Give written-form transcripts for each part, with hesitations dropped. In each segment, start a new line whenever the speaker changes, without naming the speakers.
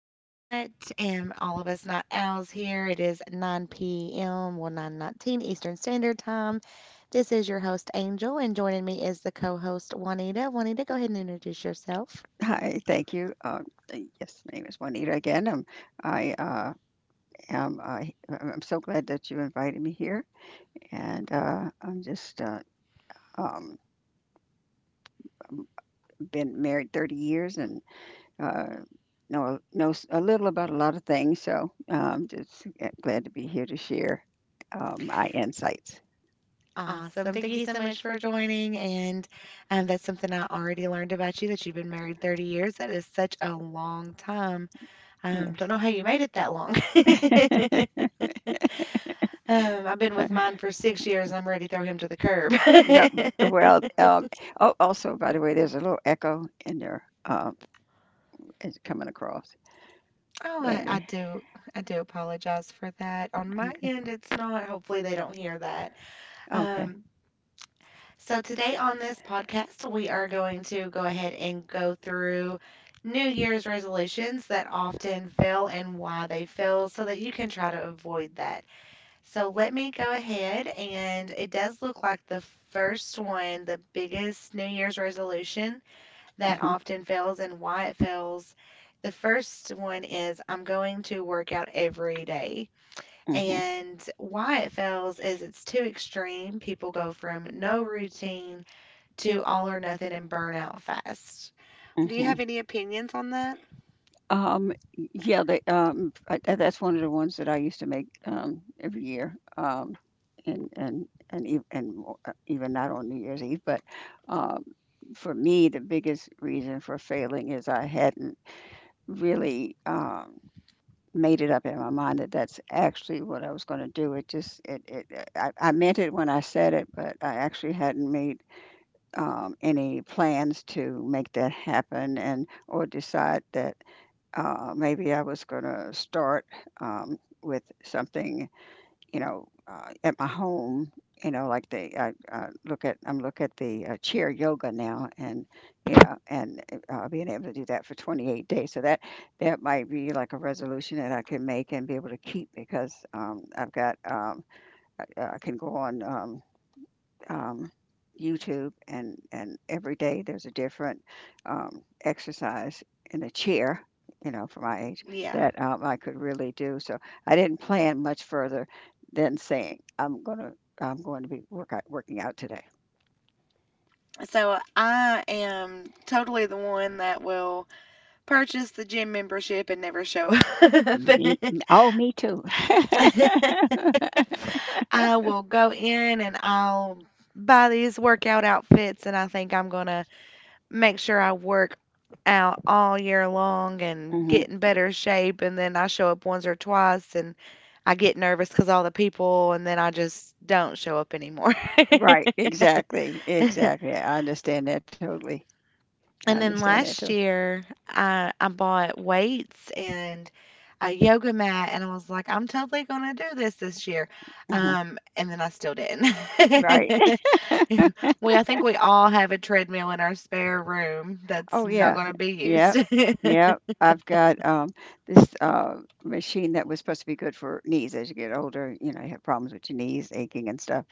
tonight. And all of us not owls here. It is 9 p.m. Well, 9:19 Eastern Standard Time. This is your host Angel, and joining me is the co-host Juanita. Juanita, go ahead and introduce yourself.
Hi, thank you. Yes, my name is Juanita again. I am. He- I'm so glad that you invited me here, and I'm just um, um, been married 30 years and uh, know a little about a lot of things. So just glad to be here to share my insights.
Awesome. Thank you so much for joining. And That's something I already learned about you, that you've been married 30 years. That is such a long time. Don't
Yes.
know how you made it that long. I've been with mine for 6 years and I'm ready to throw him to the curb.
Well, well, um, oh, also, by the way, there's a little echo in there. It's coming across,
Oh,
but.
I do apologize for that. On my
Okay.
end, it's not. Hopefully they don't hear that.
Okay.
Um, so today on this podcast, we are going to go ahead and go through New Year's resolutions that often fail and why they fail, so that you can try to avoid that. So let me go ahead, and it does look like the first one, the biggest New Year's resolution that
Mhm,
often fails and why it fails. The first one is, I'm going to work out every day.
mhm,
And why it fails is it's too extreme. People go from no routine to all or nothing and burn out fast. Do you
mhm.
have any opinions on that?
Yeah, that's one of the ones that I used to make every year, and even not on New Year's Eve. But um, for me, the biggest reason for failing is I hadn't really made it up in my mind that that's actually what I was going to do. It just it, it I meant it when I said it, but I actually hadn't made any plans to make that happen and or decide that maybe I was going to start with something, you know, at my home. You know, like the I look at I'm look at the chair yoga now, and you know, and being able to do that for 28 days. So that might be like a resolution that I can make and be able to keep because I've got I can go on. Um, YouTube, and every day there's a different exercise in a chair, you know, for my age
Yeah.
that I could really do. So I didn't plan much further than saying I'm going to working out today.
So I am totally the one that will purchase the gym membership and never show up.
Me, oh, me too.
I will go in and I'll buy these workout outfits, and I think I'm going to make sure I work out all year long and get
hmm
in better shape. And then I show up once or twice and I get nervous because all the people, and then I just don't show up anymore.
Right, exactly, exactly. I understand that totally. I
And then
understand that too.
last year, I bought weights and a yoga mat, and I was like, I'm totally gonna do this this year.
hmm
And then I still didn't.
Right.
I think we all have a treadmill in our spare room that's
Oh
not
yeah.
gonna be used.
Yep. Yep. I've got this machine that was supposed to be good for knees as you get older, you know, you have problems with your knees aching and stuff.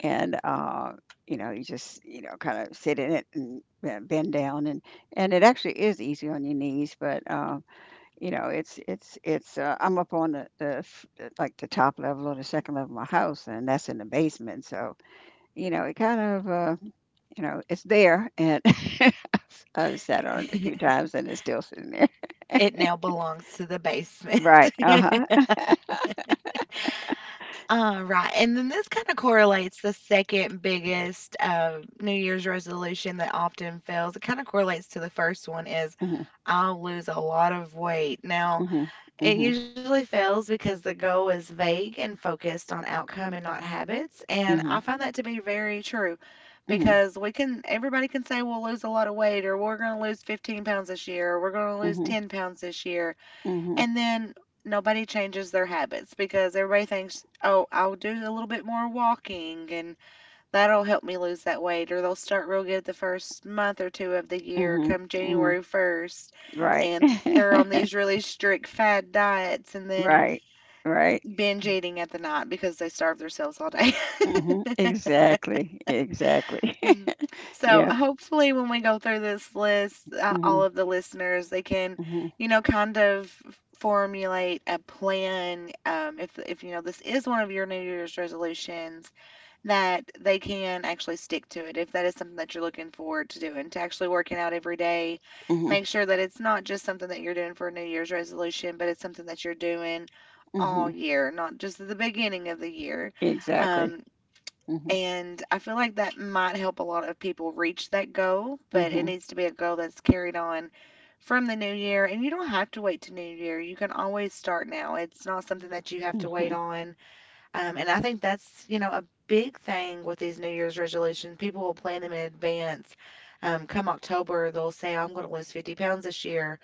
And you know, you just, you know, kind of sit in it and bend down and it actually is easy on your knees, but you know, it's I'm up on like the top level or the second level of my house, and that's in the basement, so you know, it kind of you know, it's there, and I've I've sat on it a few times, and it's still sitting there.
It now belongs to the basement.
Right. Uh huh.
Right. And then this kind of correlates the second biggest New Year's resolution that often fails. It kind of correlates to the first one is,
Mhm.
I'll lose a lot of weight. Now,
Mhm.
it
Mhm.
usually fails because the goal is vague and focused on outcome and not habits. And I
Mhm.
find that to be very true
Mhm.
because everybody can say we'll lose a lot of weight, or we're going to lose 15 pounds this year, or we're going to lose
Mhm.
10 pounds this year.
Mhm.
And then nobody changes their habits because everybody thinks, oh, I'll do a little bit more walking and that'll help me lose that weight. Or they'll start real good the first month or two of the year,
Mhm.
come
Mhm.
January 1st.
Right.
And they're on these really strict fad diets and then
Right. Right.
binge eating at the night because they starve themselves all day.
Mhm. Exactly. Exactly.
Mhm. So
Yeah.
hopefully when we go through this list, all
Mhm.
of the listeners, they can,
Mhm.
you know, kind of formulate a plan. If you know this is one of your New Year's resolutions, that they can actually stick to it. If that is something that you're looking forward to doing, to actually working out every day,
Mhm.
make sure that it's not just something that you're doing for a New Year's resolution, but it's something that you're doing all
Mhm.
year, not just at the beginning of the year.
Exactly.
Um,
Mhm.
and I feel like that might help a lot of people reach that goal, but it
Mhm.
needs to be a goal that's carried on from the new year. And you don't have to wait to New Year. You can always start now. It's not something that you have to wait
Mhm.
on and I think that's, you know, a big thing with these New Year's resolutions. People will plan them in advance. Come October, they'll say, I'm going to lose 50 pounds this year.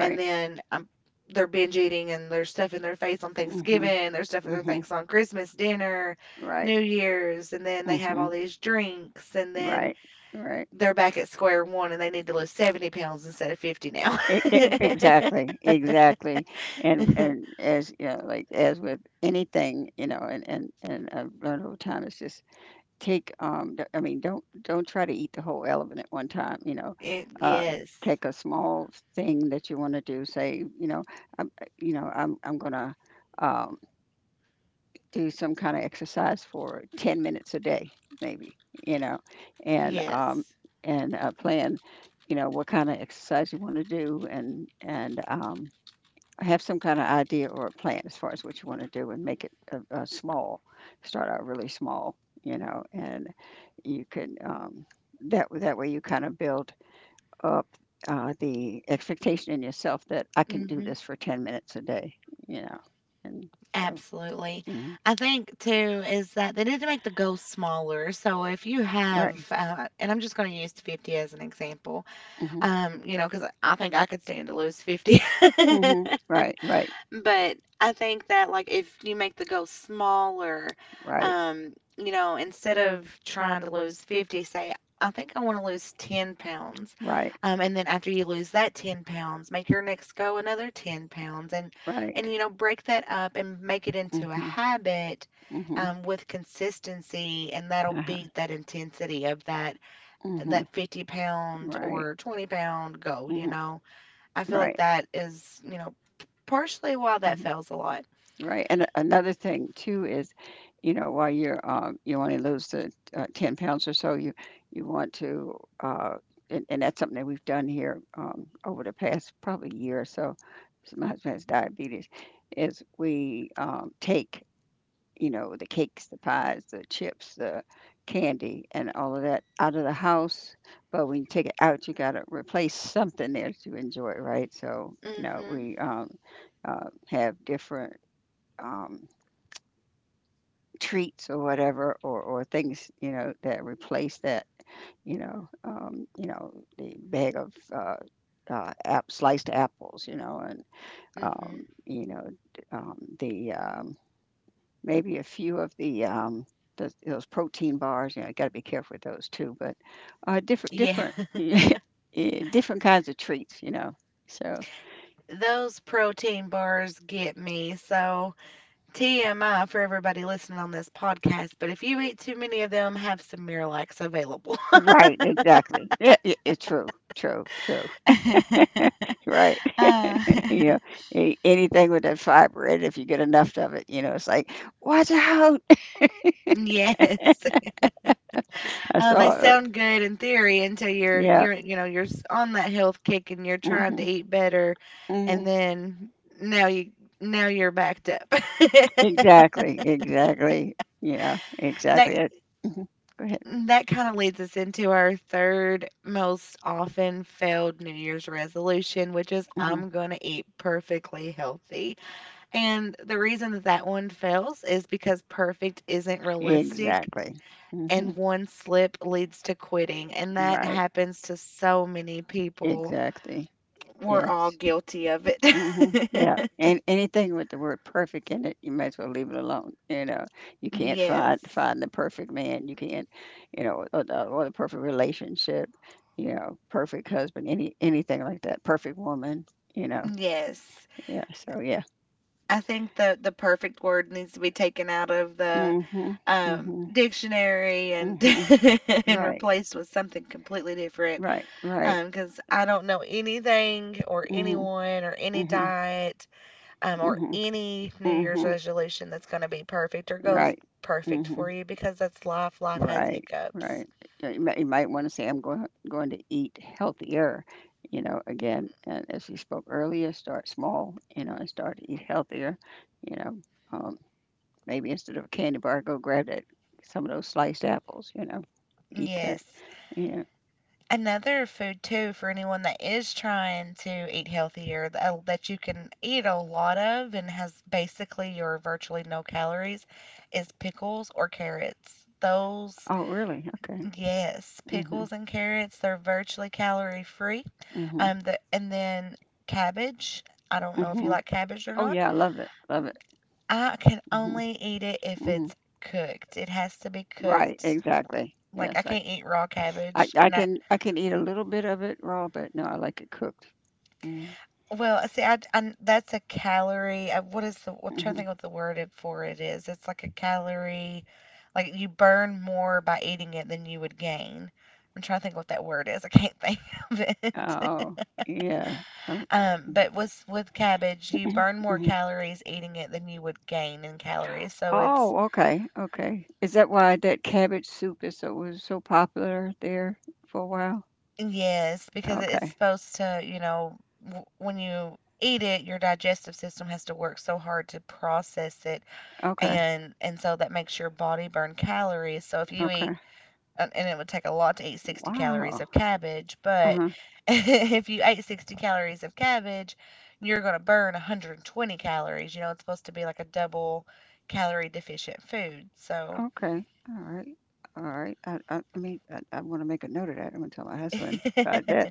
And then um, they're binge eating and they're stuffing their face on
Mhm.
Thanksgiving. They're stuffing their
Mhm.
face on Christmas dinner,
Right.
New Year's. And then they have all
Mhm.
these drinks. And then
Right. Right.
they're back at square one and they need to lose 70 pounds instead of 50 now.
E- e- exactly, exactly. And as you know, like as with anything, you know, and I've learned over time, it's just I mean, don't try to eat the whole elephant at one time. You know,
Eh,
uh,
yes.
take a small thing that you want to do. Say, I'm, you know, I'm gonna. Um, do some kind of exercise for 10 minutes a day maybe, you know, and
Yes.
plan, you know, what kind of exercise you want to do, and have some kind of idea or a plan as far as what you want to do, and make it small. Start out really small, you know, and you can that way you kind of build up the expectation in yourself that I can do
Mm-hmm.
this for 10 minutes a day, you know, and so
Absolutely.
mhm.
I think too is that they need to make the goals smaller. So if you have,
Right.
and I'm just going to use 50 as an example,
Mhm.
you know, because I think I could stand to lose 50.
Mhm. Right, right,
But I think that, like, if you make the goal smaller,
right,
you know, instead of trying to lose 50, say, I think I want to lose 10 pounds.
right,
And then after you lose that 10 pounds, make your next go another 10 pounds, and
right.
and you know, break that up and make it into a
Mhm.
habit
Mhm.
with consistency, and that'll
Uh-huh.
beat that intensity of that
Mhm.
50 pound
Right.
or 20 pound goal, you
Mhm.
know. I feel like
Right.
that is, you know, partially why that
Mhm.
fails a lot.
Right. And another thing too is, you know, while you're you want to lose the 10 pounds or so, you want to and that's something that we've done here over the past probably year or so. So my husband has diabetes, is we take, you know, the cakes, the pies, the chips, the candy, and all of that out of the house. But when you take it out, you got to replace something there to enjoy, right? So,
Mm
you know,
Mhm.
we have different um, treats or whatever, or things, you know, that replace that, you know, the bag of sliced apples, you know, and
mm Mhm.
you know, the maybe a few of the, those protein bars, you know, you gotta be careful with those too, but,
Yeah.
different yeah, different kinds of treats, you know, so
Those protein bars get me. So, TMI for everybody listening on this podcast, but if you eat too many of them, have some Miralax available.
right, exactly. Yeah, yeah, it's true, true, true, right.
uh,
You know, a anything with that fiber in it, if you get enough of it, you know, it's like, "Watch out!"
yes.
I saw
They sound good in theory until you're
Yeah,
you're you know, on that health kick and you're trying to
mhm,
eat better and
mhm,
then now you now you're backed up.
exactly, exactly, you know,
that
exactly it. Mhm. Go ahead.
Mm, that kind of leads us into our third most often failed New Year's resolution, which is,
Mhm.
I'm going to eat perfectly healthy. And the reason that that one fails is because perfect isn't realistic
Exactly.
and
Mhm.
one slip leads to quitting. And that
Right.
happens to so many people.
Exactly.
We're all
Yes.
guilty of it.
Mhm. Yeah. And anything with the word perfect in it, you might as well leave it alone. You know, you can't find
Yes.
find the perfect man. You can't, you know, or the perfect relationship. You know, perfect husband. Anything like that. Perfect woman. You know.
Yes.
Yeah. So yeah.
I think the perfect word needs to be taken out of the
Mhm. Mhm.
dictionary, and
Mhm.
and
Right.
replaced with something completely different.
Right. Right.
Because I don't know anything or
Mhm.
anyone or any
Mhm.
diet or
Mhm.
any New Year's
Mhm.
resolution that's going to be perfect or goes
Right.
perfect for
Mhm.
you, because that's life. Life has
Right, right.
hiccups.
Yeah, you might want to say, I'm going to eat healthier. You know, again, and as we spoke earlier, start small, you know, and start to eat healthier. You know, um, maybe instead of a candy bar, go grab that some of those sliced apples, you know, eat that.
Yes.
Yeah.
Another food too for anyone that is trying to eat healthier that you can eat a lot of and has basically or virtually no calories is pickles or carrots. Those,
Oh, really? Okay.
yes,
hmm
pickles and carrots, they're virtually calorie free.
hmm
And then cabbage. I don't know if you
hmm
like cabbage or
Oh,
not.
yeah. I love it. Love it.
I can
hmm
only eat it if
hmm
it's cooked. It has to be
Right.
cooked.
Exactly.
Like, I
Yes. I,
can't eat raw
I,
cabbage,
I
and that
can, I can eat a little bit of it raw, but no, I like it cooked. Mm-hmm.
well, I and that's a calorie what is the I'm trying to
Mm-hmm.
think what the word it for it is. It's like a calorie, like, you burn more by eating it than you would gain. I'm trying to think what that word is, I can't think of it.
Oh, yeah. Um,
But with cabbage, you burn more
mhm.
calories eating it than you would gain in calories, so it's
Oh, okay, okay. Is that why that cabbage soup is so was so popular there for a while?
yes, because it's
Okay,
supposed to, you know, w when you eat it, your digestive system has to work so hard to process it,
okay,
and so that makes your body burn calories. So if you
okay.
eat and it would take a lot to eat 60 calories
Wow.
of cabbage, but
Uh-huh.
if you ate 60 calories of cabbage, you're going to burn 120 calories. You know, it's supposed to be like a double calorie deficient food. So,
Okay. All right. All right. I mean, I want to make a note of that. I'm gonna tell my husband about that.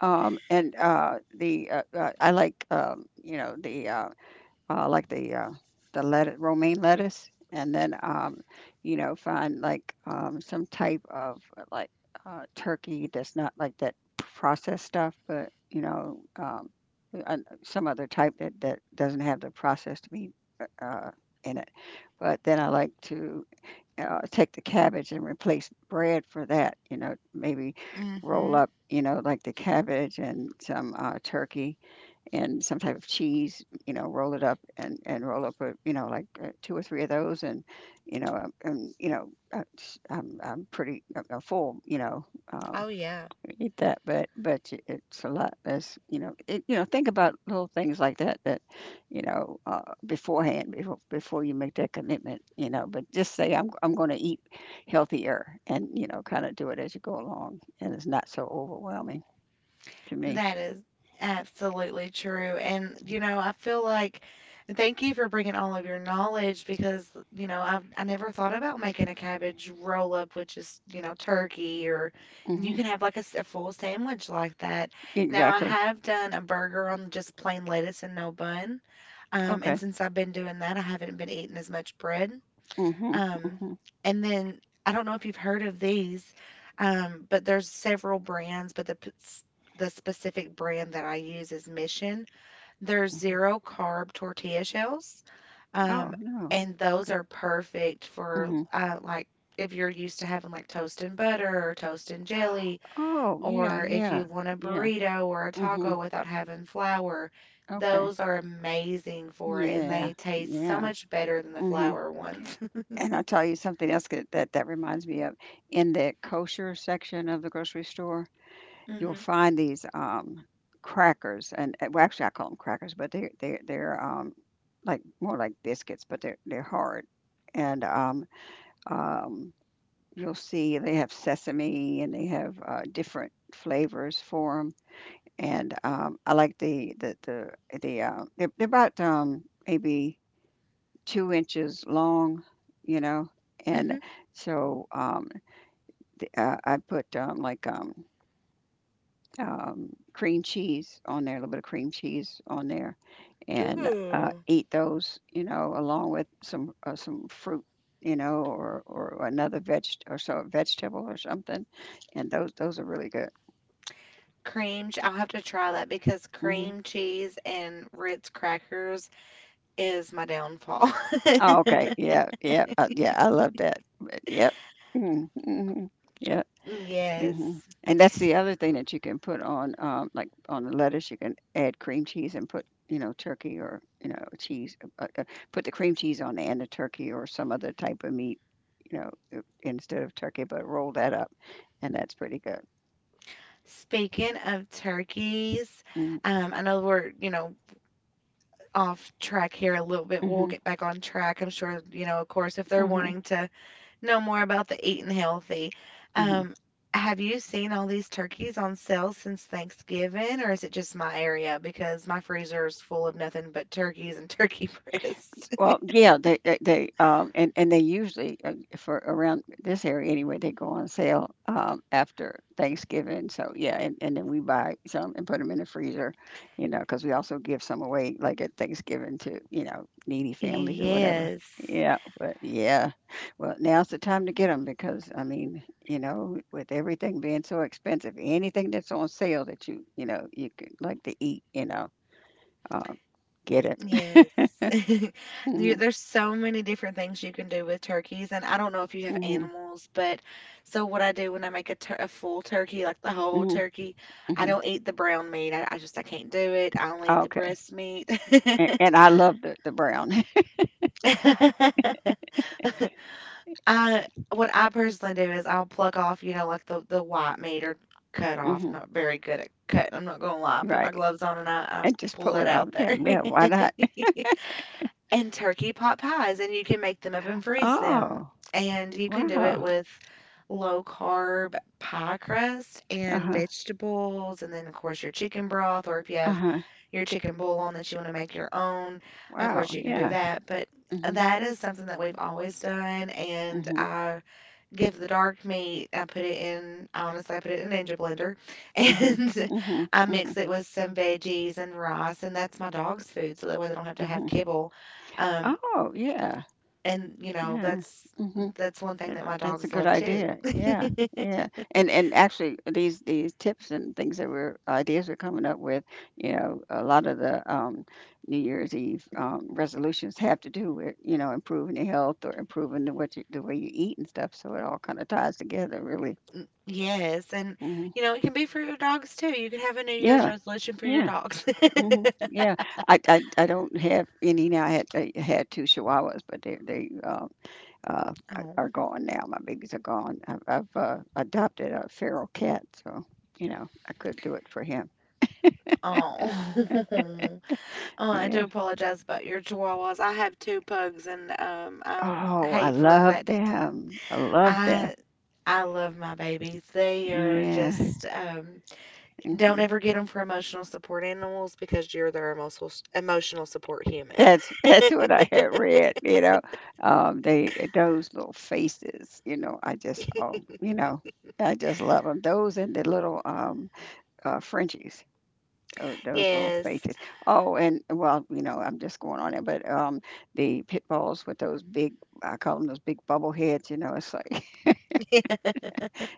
And the I like you know the like the let romaine lettuce, and then you know find like some type of turkey that's not like that processed stuff, but you know uh, some other type that doesn't have the processed meat uh, in it. But then I like to take the cabbage and replace bread for that. You know, maybe roll
mhm.
up, you know, like the cabbage and some turkey and some type of cheese, you know, roll it up, and roll up a, you know, like two or three of those, and you know, I'm pretty full, you know, um,
Oh yeah.
eat that, but it's a lot less, you know, you know, think about little things like that, you know, beforehand before you make that commitment, you know, but just say I'm going to eat healthier, and you know, kind of do it as you go along, and it's not so overwhelming to me.
That is absolutely true. And, you know, I feel like, and thank you for bringing all of your knowledge, because, you know, I never thought about making a cabbage roll up, which is, you know, turkey, or you
hmm
can have like a, a full sandwich like that. Now, I
Exactly.
have done a burger on just plain lettuce and no bun. And
Okay.
since I've been doing that, I haven't been eating as much bread.
Mhm,
Um,
mhm,
and then I don't know if you've heard of these, but there's several brands, but the the specific brand that I use is Mission. They're
mhm.
zero carb tortilla shells, um,
Oh, no.
and those
Okay.
are perfect for
Mhm.
like, if you're used to having like toast and butter or toast and jelly,
Oh, yeah,
or if
yeah,
you want a
yeah.
burrito or a
Mhm.
taco without having flour.
Okay.
Those are amazing for it, and
Yeah,
they taste so
yeah.
much better than the
Mhm.
flour ones.
And I'll tell you something else that reminds me of. In the kosher section of the grocery store, you'll
hmm
find these, crackers and well, actually, I call them crackers, but they're, like, more like biscuits, but they're hard. And, um you'll see they have sesame and they have different flavors for them. And I like they're about maybe 2 inches long, you know. And
hmm
so I put cream cheese on there, a little bit of cream cheese on there, and
Ooh.
eat those, you know, along with some fruit, you know, or another veg or so vegetable or something, and those are really good.
I'll have to try that because
hmm
cream cheese and Ritz crackers is my downfall.
Oh, okay, yeah, yeah, yeah, I love that. But, yep. Mm-hmm. Mm-hmm. Yeah. Mhm.
Yes.
And that's the other thing that you can put on, like on the lettuce, you can add cream cheese and put, you know, turkey or, you know, cheese, put the cream cheese on the end of turkey or some other type of meat, you know, instead of turkey, but roll that up. And that's pretty good.
Speaking of turkeys,
Mm-hmm.
I know we're, you know, off track here a little bit. We'll
Mm-hmm.
get back on track. I'm sure, you know, of course, if they're
Mm-hmm.
wanting to know more about the eating healthy. Um, have you seen all these turkeys on sale since Thanksgiving, or is it just my area? Because my freezer is full of nothing but turkeys and turkey breasts.
Well, yeah, and they usually, for around this area anyway, they go on sale, after Thanksgiving. So yeah, and then we buy some and put them in the freezer, you know, because we also give some away like at Thanksgiving to, you know, needy families or whatever.
Yes.
Yeah, but yeah. Well, now's the time to get them because I mean, you know, with everything being so expensive, anything that's on sale that you could like to eat, um, get it.
Yes.
Mhm.
There's so many different things you can do with turkeys, and I don't know if you have
Mhm.
animals, but so what I do when I make a, tur a full turkey, like the whole
Mhm.
turkey, I
Mhm.
don't eat the brown meat. I just I can't do it. I only eat the
Okay.
breast meat.
And I love the brown.
I what I personally do is I'll pluck off, you know, like the white meat or cut off. I'm
Hmm.
not very good at cutting. I'm not gonna lie. I put my
Right.
gloves on and I
And just
pull
pull
that
it
out
off.
there.
Yeah, yeah, why not?
And turkey pot pies, and you can make them up and freeze them.
Oh,
And you can do it
wow.
with low carb pie crust and
Uh-huh.
vegetables, and then, of course, your chicken broth, or if you have
Uh-huh.
your chicken bouillon that you want to make your own, of course,
Wow.
you can do
Yeah.
that. But
Mm-hmm.
that is something that we've always done. And
Mm-hmm.
I give the dark meat, I put it in, honestly, I put it in a Ninja Blender,
Mm-hmm.
and I
Mm-hmm.
mix it with some veggies and rice. And that's my dog's food, so that way they don't have to have
Mm-hmm.
kibble. Um,
Oh, yeah.
and you know
Yeah.
that's
Mm-hmm.
that's one thing
That's
that my
that's a
dogs
good
love too.
idea. Yeah, yeah. And actually, these tips and things that we're ideas we're coming up with, you know, a lot of the New Year's Eve resolutions have to do with, you know, improving your health or improving the way you eat and stuff. So it all kind of ties together, really.
Yes, and
Hmm.
you know it can be for your dogs too. You can have a new year's
Yeah,
resolution for your
yeah.
dogs.
Hmm. Yeah, I don't have any now. I had two Chihuahuas, but they uh,
Oh.
are gone now. My babies are gone. I've adopted a feral cat, so you know I could do it for him.
Oh. Oh, I do
Yeah.
apologize about your Chihuahuas. I have two pugs, and I
Oh, I
hate for
love
that.
them. I love them.
i I love my babies. They are
Yeah.
just don't
Hmm.
ever get them for emotional support animals because you're their emotional support human.
That's that's what I had read. They those little faces. You know, I just oh, you know, I just love them. Those and the little Frenchies. Those little
Yes.
faces. Oh, and well, I'm just going on it, but, the pit bulls with those big, I call them those big bubble heads, you know, it's like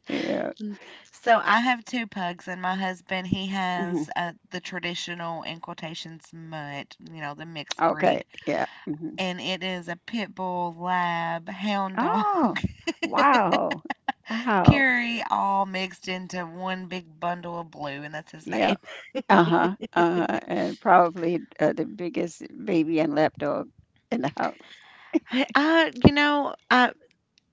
yeah,
So I have two pugs, and my husband, he
mhm,
has the traditional, in quotations, mutt, you know, the mixed
okay,
breed.
yeah, mhm.
And it is a pit bull, lab, hound dog,
Oh, wow, wow,
Curie, all mixed into one big bundle of blue, and that's his name.
yeah, uh-huh, uh-huh, and probably, the biggest baby and lapdog in the house.
I you know, I.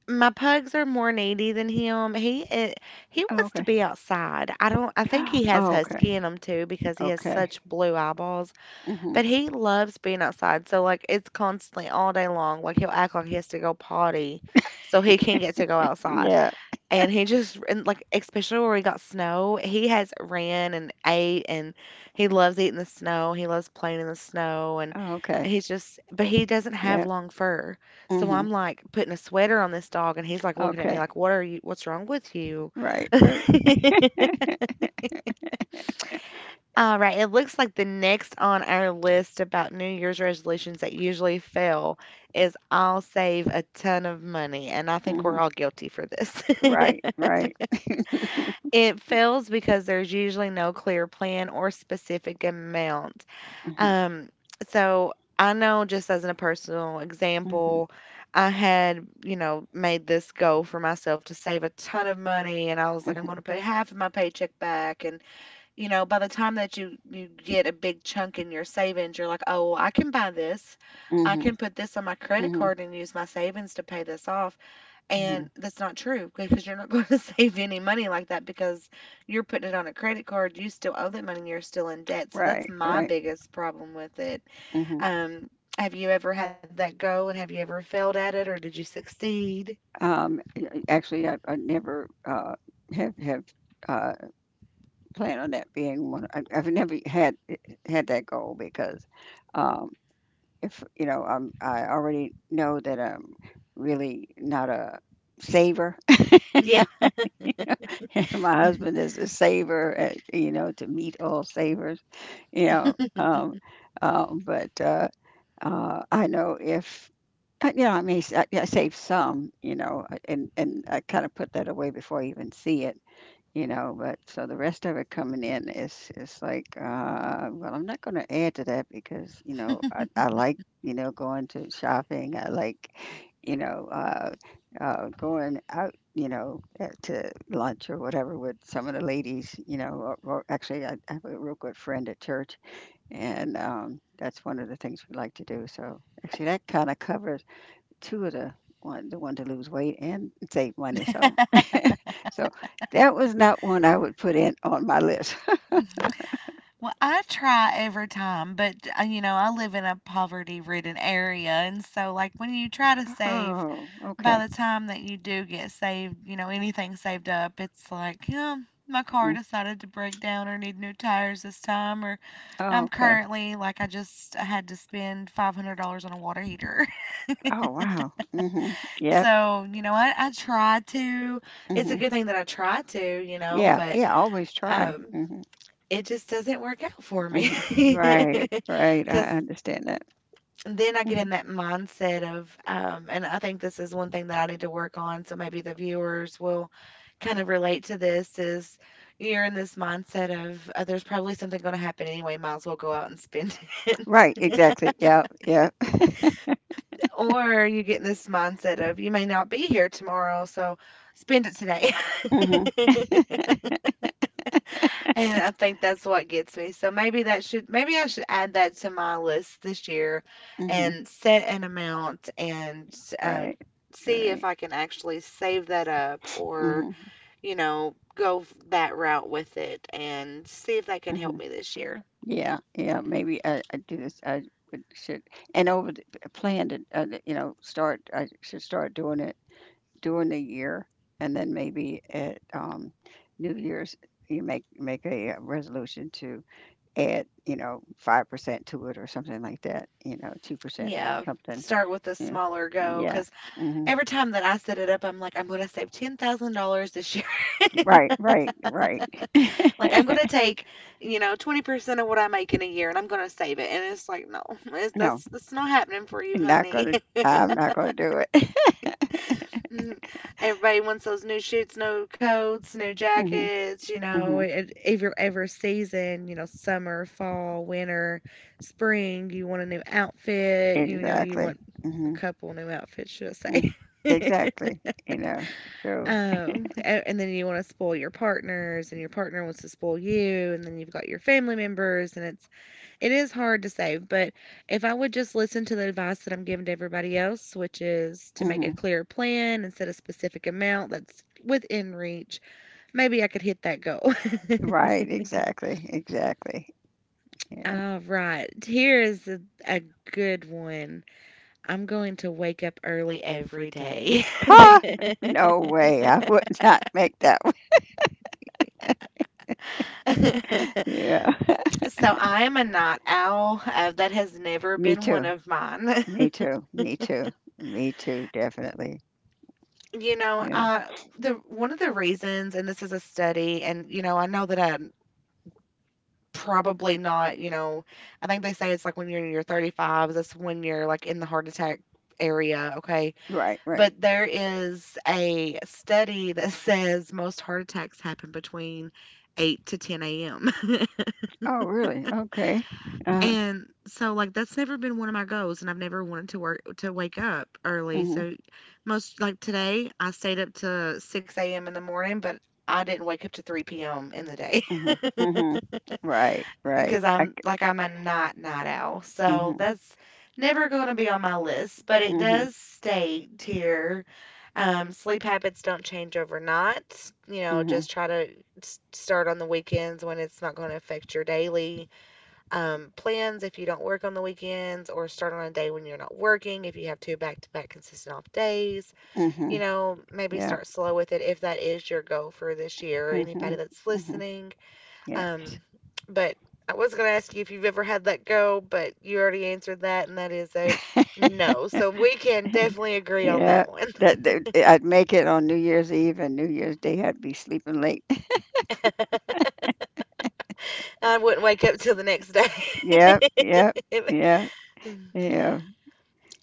My pugs are more needy than him. He
Oh,
wants to
okay.
be outside. I don't. I think he has
Oh, okay,
husky in him too because he has
okay,
such blue eyeballs.
mhm,
But he loves being outside, so, like, it's constantly all day long, like, he'll act like he has to go potty so he can get to go outside,
yeah,
and like, especially where we got snow, he has ran and ate, and he loves eating the snow, he loves playing in the snow, and
oh, okay,
he's just but he doesn't have
yeah,
long fur, so
mhm,
I'm, like, putting a sweater on this dog, and he's, like, looking at me
okay,
like, " what's wrong with you?"
right, right,
Alright, it looks like the next on our list about New Year's resolutions that usually fail is I'll save a ton of money, and I think we're
mhm.
all guilty for this.
Right, right.
It fails because there's usually no clear plan or specific amount.
Mhm,
Um, so I know just as a personal
mhm,
example, I had, you know, made this goal for myself to save a ton of money, and I was like, I'm going to
mhm,
put half of my paycheck back, and you know, by the time that you get a big chunk in your savings, you're like, "Oh, well, I can buy this. I
mhm,
can put this on my credit
mhm,
card and use my savings to pay this off."
mhm.
And that's not true because you're not going to save any money like that because you're putting it on a credit card. You still owe that money. You're still in debt. So that's
Right,
my
right.
biggest problem with it.
Mhm.
Um, have you ever had that go, and have you ever failed at it, or did you succeed?
Actually, I never have have uh, planned on that being one. I've never had that goal because um, if you know, I already know that I'm really not a saver. My husband is a saver, you know, to meet all savers, you know. But I know if, but you know, I save some, you know, and I kind of put that away before I even see it, you know. But so the rest of it coming in is like, well, I'm not going to add to that because you know I like you know going to shopping. I like you know uh, going out. You know, to lunch or whatever with some of the ladies. You know, or actually, I have a real good friend at church and, that's one of the things we like to do, so actually that kinda covers two of the one to lose weight and save money, so so that was not one I would put in on my list.
Well, I try every time, but, you know, I live in a poverty-ridden area, and so, like, when you try to save,
Oh,
by
okay.
the time that you do get saved, you know, anything saved up, it's like, "Yeah, my car
Mm.
decided to break down or need new tires this time," or
Oh,
I'm
okay.
currently like, I just I had to spend $500 on a water heater.
Oh, wow. Mhm. Yep.
So, you know, I try to. It's a
Mhm.
good thing that I try to, you know,
Yeah,
but,
yeah, always try.
um,
Mhm,
it just doesn't work out for me.
mhm. Right, right, I
Because,
understand that.
then I get in
Mhm.
that mindset of, and I think this is one thing that I need to work on. So maybe the viewers will kind of relate to this is you're in this mindset of there's probably something going to happen anyway, might as well go out and spend it.
Right, exactly. Yeah, yep.
Or you get in this mindset of you may not be here tomorrow, so spend it today.
Mhm,
And I think that's what gets me. So maybe I should add that to my list this year
mhm.
and set an amount and uh,
Right.
see if
Right.
I can actually save that up, or,
Mhm,
you know, go that route with it and see if that can help
mhm.
me this year.
Yeah, yeah, maybe I do this. I would, should, and over plan to, you know, start, I should start doing it during the year. And then maybe at New Year's, you make a resolution to add, you know, 5% to it or something like that, you know, 2%
Yeah.
something.
Start with a
Yeah.
smaller goal
Yeah.
because
Hmm.
every time that I set it up, I'm like, I'm going to save $10,000 this year.
Right, right, right.
Like I'm gonna take, you know, 20% of what I make in a year, and I'm gonna save it. And it's like, no,
No,
that's not happening for you,
I'm not
honey.
gonna, I'm not gonna do it.
Mm. Everybody wants those new shoots, new coats, new
Hmm.
jackets, you know,
Hmm.
it, every season, you know, summer, fall, winter, spring, you want a new outfit, you know, you
Exactly.
want a
Hmm.
couple new outfits, should I
Mhm.
say.
Exactly, you know, so
Oh, and then you want to spoil your partners, and your partner wants to spoil you, and then you've got your family members, and it's it is hard to save, but if I would just listen to the advice that I'm giving to everybody else, which is to make a
mhm.
clear plan and set a specific amount that's within reach, maybe I could hit that goal.
Right, exactly, exactly, yeah.
All right, here is a good one. I'm going to wake up early every day.
Ha! No way, I would not make that one. Yeah.
So I am a night owl. That has never
Me
been one
too,
of mine.
me too, me too, me too, definitely,
You know,
yeah.
the one of the reasons, and this is a study, and you know, I know that I probably not, you know, I think they say it's like when you're in your 35s, that's when you're, like, in the heart attack area, okay?
Right, right.
But there is a study that says most heart attacks happen between 8 to 10 AM,
Oh, really? Okay. Uh-huh.
and so, like, that's never been one of my goals, and I've never wanted to work to wake up early,
Mhm,
so most like today, I stayed up to 6 AM in the morning, but I didn't wake up to 3 PM in the day.
mhm, mhm. Right, right.
Because
I c
I'm like I'm a night owl, so
mhm,
that's never going to be on my list. But it
mhm,
does state here, sleep habits don't change overnight. You know,
mhm,
just try to start on the weekends when it's not going to affect your daily plans. If you don't work on the weekends, or start on a day when you're not working, if you have two back to back consistent off days, you
mhm.
know, maybe
Yeah.
start slow with it if that is your goal for this year. Anybody
Mhm,
that's
mhm.
listening, um,
Yes.
but I was going to ask you if you've ever had that go, but you already answered that, and that is a no. So we can definitely agree on
Yeah,
that one.
that, that I'd make it on New Year's Eve and New Year's Day. I'd be sleeping late.
I wouldn't wake up till the next day.
Yep, yep, yeah, yeah.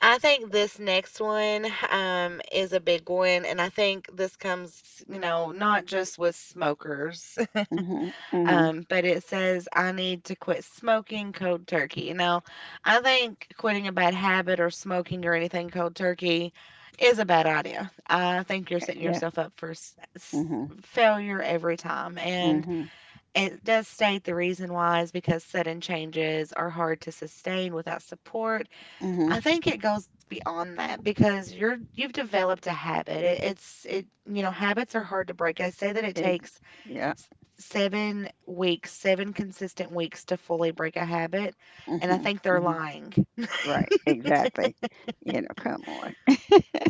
I think this next one is a big one, and I think this comes, you know, not just with smokers.
Mhm, mhm.
But it says I need to quit smoking cold turkey. Now, I think quitting a bad habit or smoking or anything cold turkey is a bad idea. I think you're setting
Yeah.
yourself up for
Mhm,
failure every time. And
mhm,
it does state the reason why is because sudden changes are hard to sustain without support.
mhm.
I think it goes beyond that because you've developed a habit. It, it's it You know, habits are hard to break. I say that it
Ex-
takes
yeah.
s- 7 weeks, 7 consistent weeks to fully break a habit. And I
Mhm,
think they're
mhm.
lying.
Right. Exactly. You know. Come on.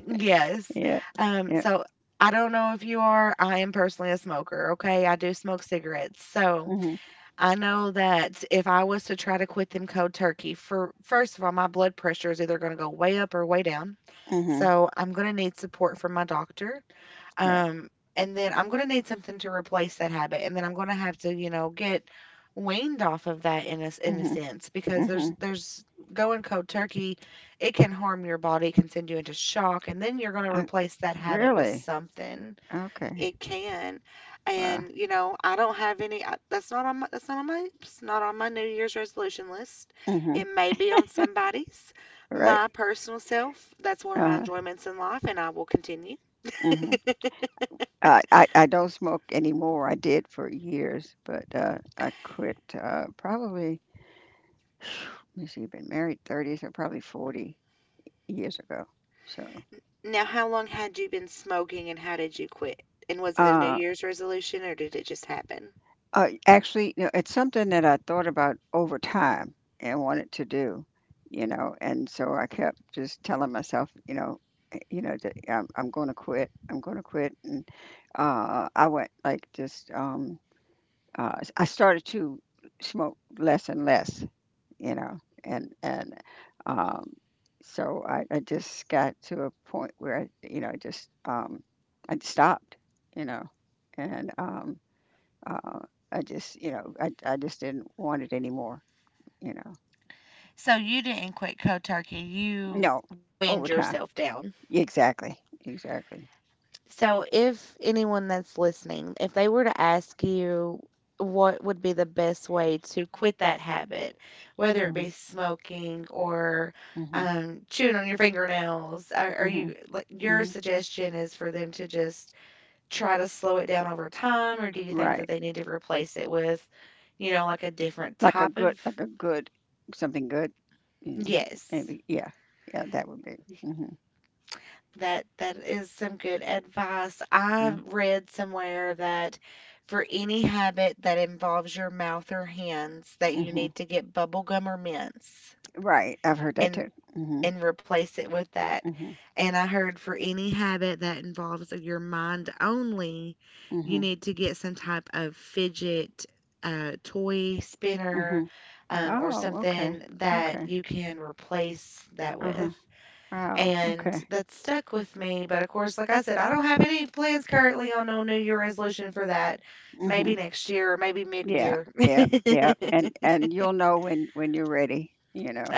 Yes.
Yeah.
Um,
Yeah.
so I don't know if you are. I am personally a smoker. Okay. I do smoke cigarettes. So
Mhm,
I know that if I was to try to quit them cold turkey, for first of all, my blood pressure is either going to go way up or way down.
mhm.
So I'm going to need support from my doctor.
Right.
And then I'm going to need something to replace that habit. And then I'm going to have to, you know, get weaned off of that in a, in a
Mhm,
sense because there's,
mhm.
there's going cold turkey. It can harm your body. It can send you into shock. And then you're going to
I
replace that habit with
really.
something.
Okay.
It can.
Wow.
And, you know, I don't have any, I, that's not on my, that's not on my, it's not on my New Year's resolution list. It
Mhm.
may be on somebody's.
Right.
My personal self, that's one of my
Uh.
enjoyments in life, and I will continue.
Mhm. I don't smoke anymore. I did for years, but I quit probably. Let me see. Been married 30, so probably 40 years ago. So,
Now, how long had you been smoking and how did you quit? And was it a New
uh,
Year's resolution or did it just happen?
actually, you know, it's something that I thought about over time and wanted to do, you know, and so I kept just telling myself, you know, eh, you know, that yeah, I'm going to quit. I'm going to quit, and I went like just I started to smoke less and less, you know, and um, so I just got to a point where I stopped, you know, and uh, I just, you know, I just didn't want it anymore, you know.
So, you didn't quit cold turkey, you
No,
weaned
over time,
yourself down.
exactly, exactly,
So, if anyone that's listening, if they were to ask you what would be the best way to quit that habit, whether it
mhm,
be smoking or
mhm,
chewing on your fingernails, are
mhm,
you like your
mhm.
suggestion is for them to just try to slow it down over time, or do you think that
Right.
they need to replace it with, you know, like a different type of
Like a good, something good, mm,
yes.
maybe, yeah, yeah, that would be mhm.
That that is some good advice. I
Mhm,
read somewhere that for any habit that involves your mouth or hands that you
mhm,
need to get bubble gum or mints.
right. I've heard that
And
too. Mhm,
and replace it with that.
mhm.
And I heard for any habit that involves your mind only, you
Mhm,
need to get some type of fidget, toy spinner,
mhm.
or
Oh, okay,
something that
okay.
you can replace that
Uh-huh.
with.
Wow,
And
okay.
that stuck with me. But of course, like I said, I don't have any plans currently on no New Year resolution for that. Maybe
Mhm.
next year or maybe mid
Yeah,
year.
yeah, yeah. And you'll know when you're ready, you know.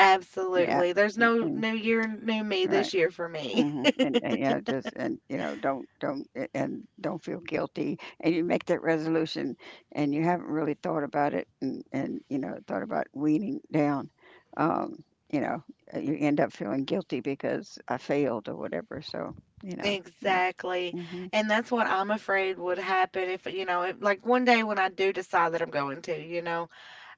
Yeah.
There's no
And
New Year, new me
right.
this year for me.
Mhm. And yeah, just and you know, don't a- and don't feel guilty. And you make that resolution and you haven't really thought about it and you know, thought about weaning down. Um, you know, you end up feeling guilty because I failed or whatever. So, you know, yeah.
Exactly.
Mhm.
And that's what I'm afraid would happen if, you know, if, like one day when I do decide that I'm going to, you know,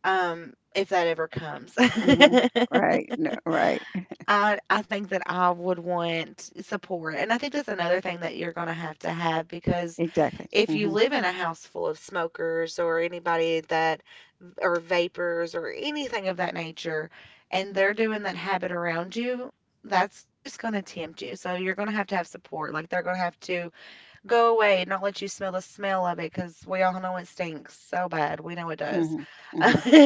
if that ever comes.
Mhm. Right. No, right.
I think that I would want support. And I think that's another thing that you're going to have because
Exactly.
if you
Mhm.
live in a house full of smokers or anybody that or vapors or anything of that nature and they're doing that habit around you, that's just going to tempt you. So you're going to have support. Like they're going to have to go away, not let you smell the smell of it because we all know it stinks so bad. We know it does.
Mhm. Mhm.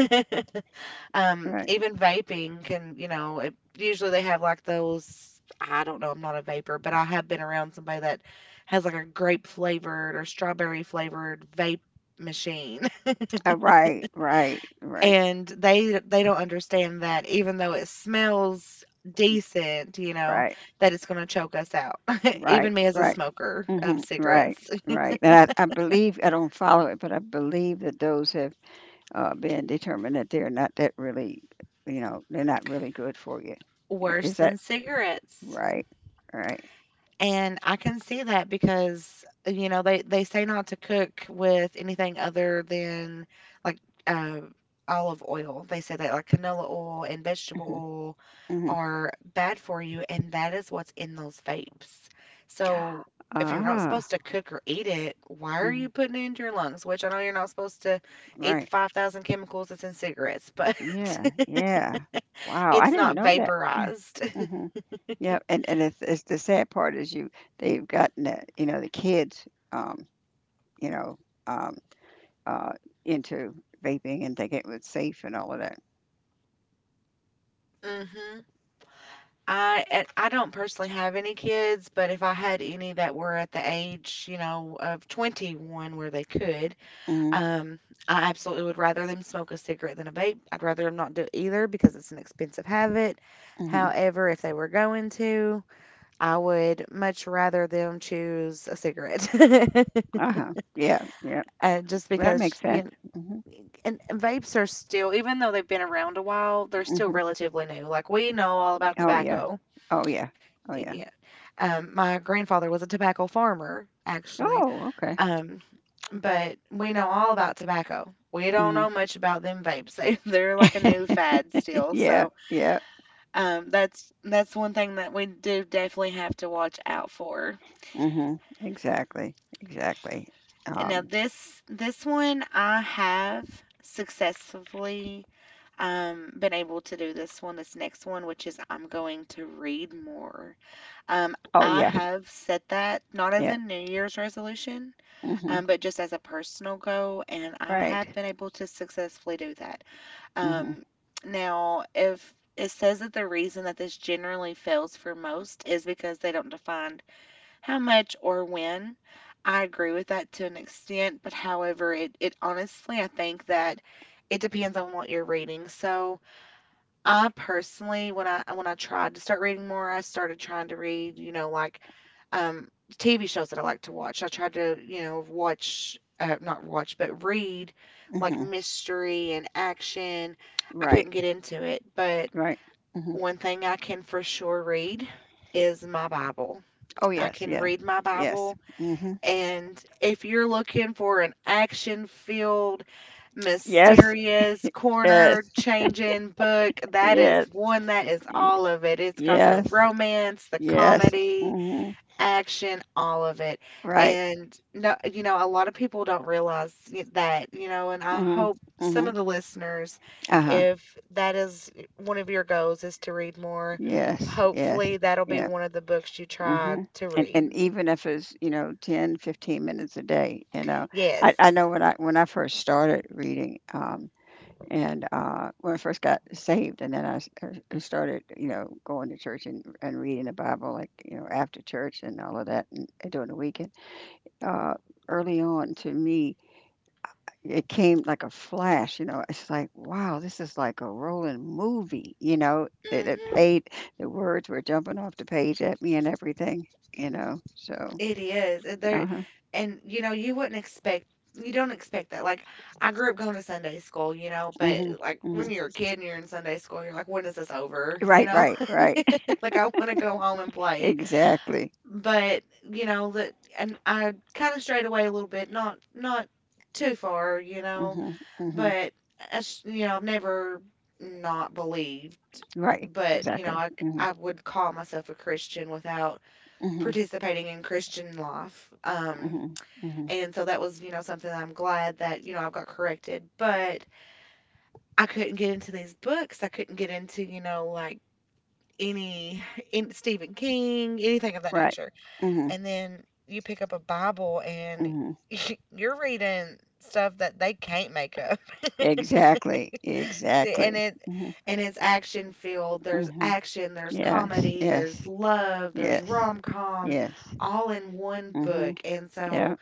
Right.
Even vaping can, you know, it, usually they have like those. I don't know, I'm not a vapor, but I have been around somebody that has like a grape flavored or strawberry flavored vape machine.
Right. Right. Right.
And they don't understand that even though it smells decent, you know,
Right.
that it's going to choke us out.
Right.
Even me as a
Right.
smoker of
Mhm. Right.
cigarettes.
Right. And I believe I don't follow it, but I believe that those have been determined that they're not that really, you know, they're not really good for you. I-
Worse
Is that
than cigarettes.
right? Right.
And I can see that because, you know, they say not to cook with anything other than like uh, olive oil. They say that like canola oil and vegetable
Mhm.
oil
Mhm.
are bad for you, and that is what's in those vapes. So if you're not
Ah.
supposed to cook or eat it, why are
Mhm.
you putting it into your lungs? Which I know you're not supposed to eat the
Right.
5,000 chemicals that's in cigarettes, but
Yeah. Yeah. Wow. I
it's
didn't
not
know that.
vaporized.
Mm-hmm. Yeah, and it's the sad part is you they've gotten the you know, the kids, you know, um, uh, into vaping and thinking it was safe and all of that.
hmm I and I don't personally have any kids, but if I had any that were at the age, you know, of 21 where they could,
Mhm,
um, I absolutely would rather them smoke a cigarette than a vape. I'd rather them not do either because it's an expensive habit.
mhm.
However, if they were going to, I would much rather them choose a cigarette.
Uh-huh. Yeah, yeah.
Just
Well, that
because,
makes
you
sense.
know,
Mhm,
and vapes are still, even though they've been around a while, they're still
mhm.
relatively new. Like we know all about
Oh, yeah.
tobacco.
Oh, yeah. Oh, yeah.
My grandfather was a tobacco farmer, actually,
Oh, okay.
um, but we know all about tobacco. We don't
Mhm.
know much about them vapes. They, they're like a new fad still.
Yeah,
So
yeah.
that's one thing that we do definitely have to watch out for.
Mhm. Exactly. Exactly.
And now
Um,
this one I have successfully been able to do this one, this next one, which is I'm going to read more. Um,
oh,
I
yeah.
have set that not as a
Yeah.
New Year's resolution,
Mhm.
but just as a personal goal, and I have
Right.
been able to successfully do that.
Mhm,
Um, now, if it says that the reason that this generally fails for most is because they don't define how much or when. I agree with that to an extent, but however, it honestly, I think that it depends on what you're reading. So, I personally, when I tried to start reading more, I started trying to read, you know, like um, TV shows that I like to watch. I tried to, you know, watch, not watch, but read like
mhm.
mystery and action. I couldn't
Right.
get into it, but
Right. Mhm.
one thing I can for sure read is my Bible.
Oh,
I
yes.
can
Yeah.
read my
Yes.
Bible
Hmm.
and if you're looking for an action filled,
Yes,
mysterious, corner
yes,
changing book, that is
yes,
one that is
y-
all of it. It's got the
yes,
romance, the
yes.
comedy,
Hmm.
action, all of it.
Right.
And no, you know, a lot of people don't realize that, you know, and I
Hmm.
hope some
Hmm.
of the listeners,
Uh-huh.
if that is one of your goals, is to read more,
Yes. Yes.
hopefully that'll be
Yeah.
one of the books you try
Hmm.
to read.
And even if it's, you know, 10 to 15 minutes a day, you know.
Yes.
I know when I first started reading, and when I first got saved, and then started, you know, going to church and reading the Bible, like, you know, after church and all of that, and doing the weekend. uh, Early on to me, it came like a flash, you know. It's like, wow, this is like a rolling movie, you know.
Hmm.
The words were jumping off the page at me and everything, you know. So,
It is. And there
uh huh.
and you know, you wouldn't expect you don't expect that. Like I grew up going to Sunday school, you know,
Hmm.
but like
Hmm.
when you're a kid and you're in Sunday school, you're like, when is this over? You
Right,
know?
right, right.
Like I want to go home and play.
Exactly.
But, you know, that, and I kind of strayed away a little bit, not too far, you know,
Hmm. Hmm.
but I, you know, I've never not believed,
Right,
but you know,
exactly.
I
Hmm.
I would call myself a Christian without
Hmm.
participating in Christian life. Um,
Hmm. Hmm.
and so that was, you know, something that I'm glad that, you know, I've got corrected. But I couldn't get into these books. I couldn't get into, you know, like any in Stephen King, anything of that
Right.
nature.
Hmm.
And then you pick up a Bible and
Hmm.
you're reading stuff that they can't make up.
Exactly,
See, and
exactly.
it
Hmm.
and it's action filled. There's
Hmm.
action, there's
Yes,
comedy, there's
yes.
love, there's
Yes.
rom-com
Yes.
all in one
Mhm.
book. And so
Yeah.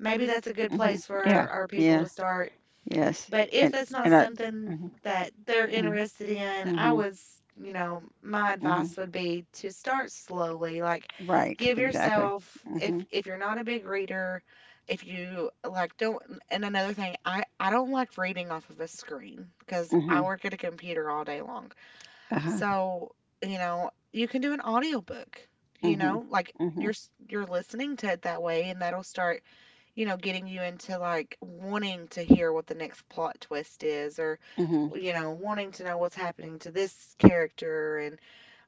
maybe that's a good
Mhm.
place
Yeah.
for our people
Yeah.
to start.
Yes.
But if
And
that's not
and I.
something
Mhm.
that they're
Mhm.
interested in, I
Mhm.
was, you know, my
Mhm.
advice would be to start slowly. Like,
Right.
give
Exactly.
yourself if
Mhm.
you're not a big reader, if you like don't. And another thing, I don't like reading off of a screen because I
Mhm.
work at a computer all day long.
Uh huh.
So you know, you can do an audiobook. You
Mhm.
know, like you're
Mhm.
you're listening to it that way, and that'll start you know, getting you into like wanting to hear what the next plot twist is or
Mhm.
you know, wanting to know what's happening to this character and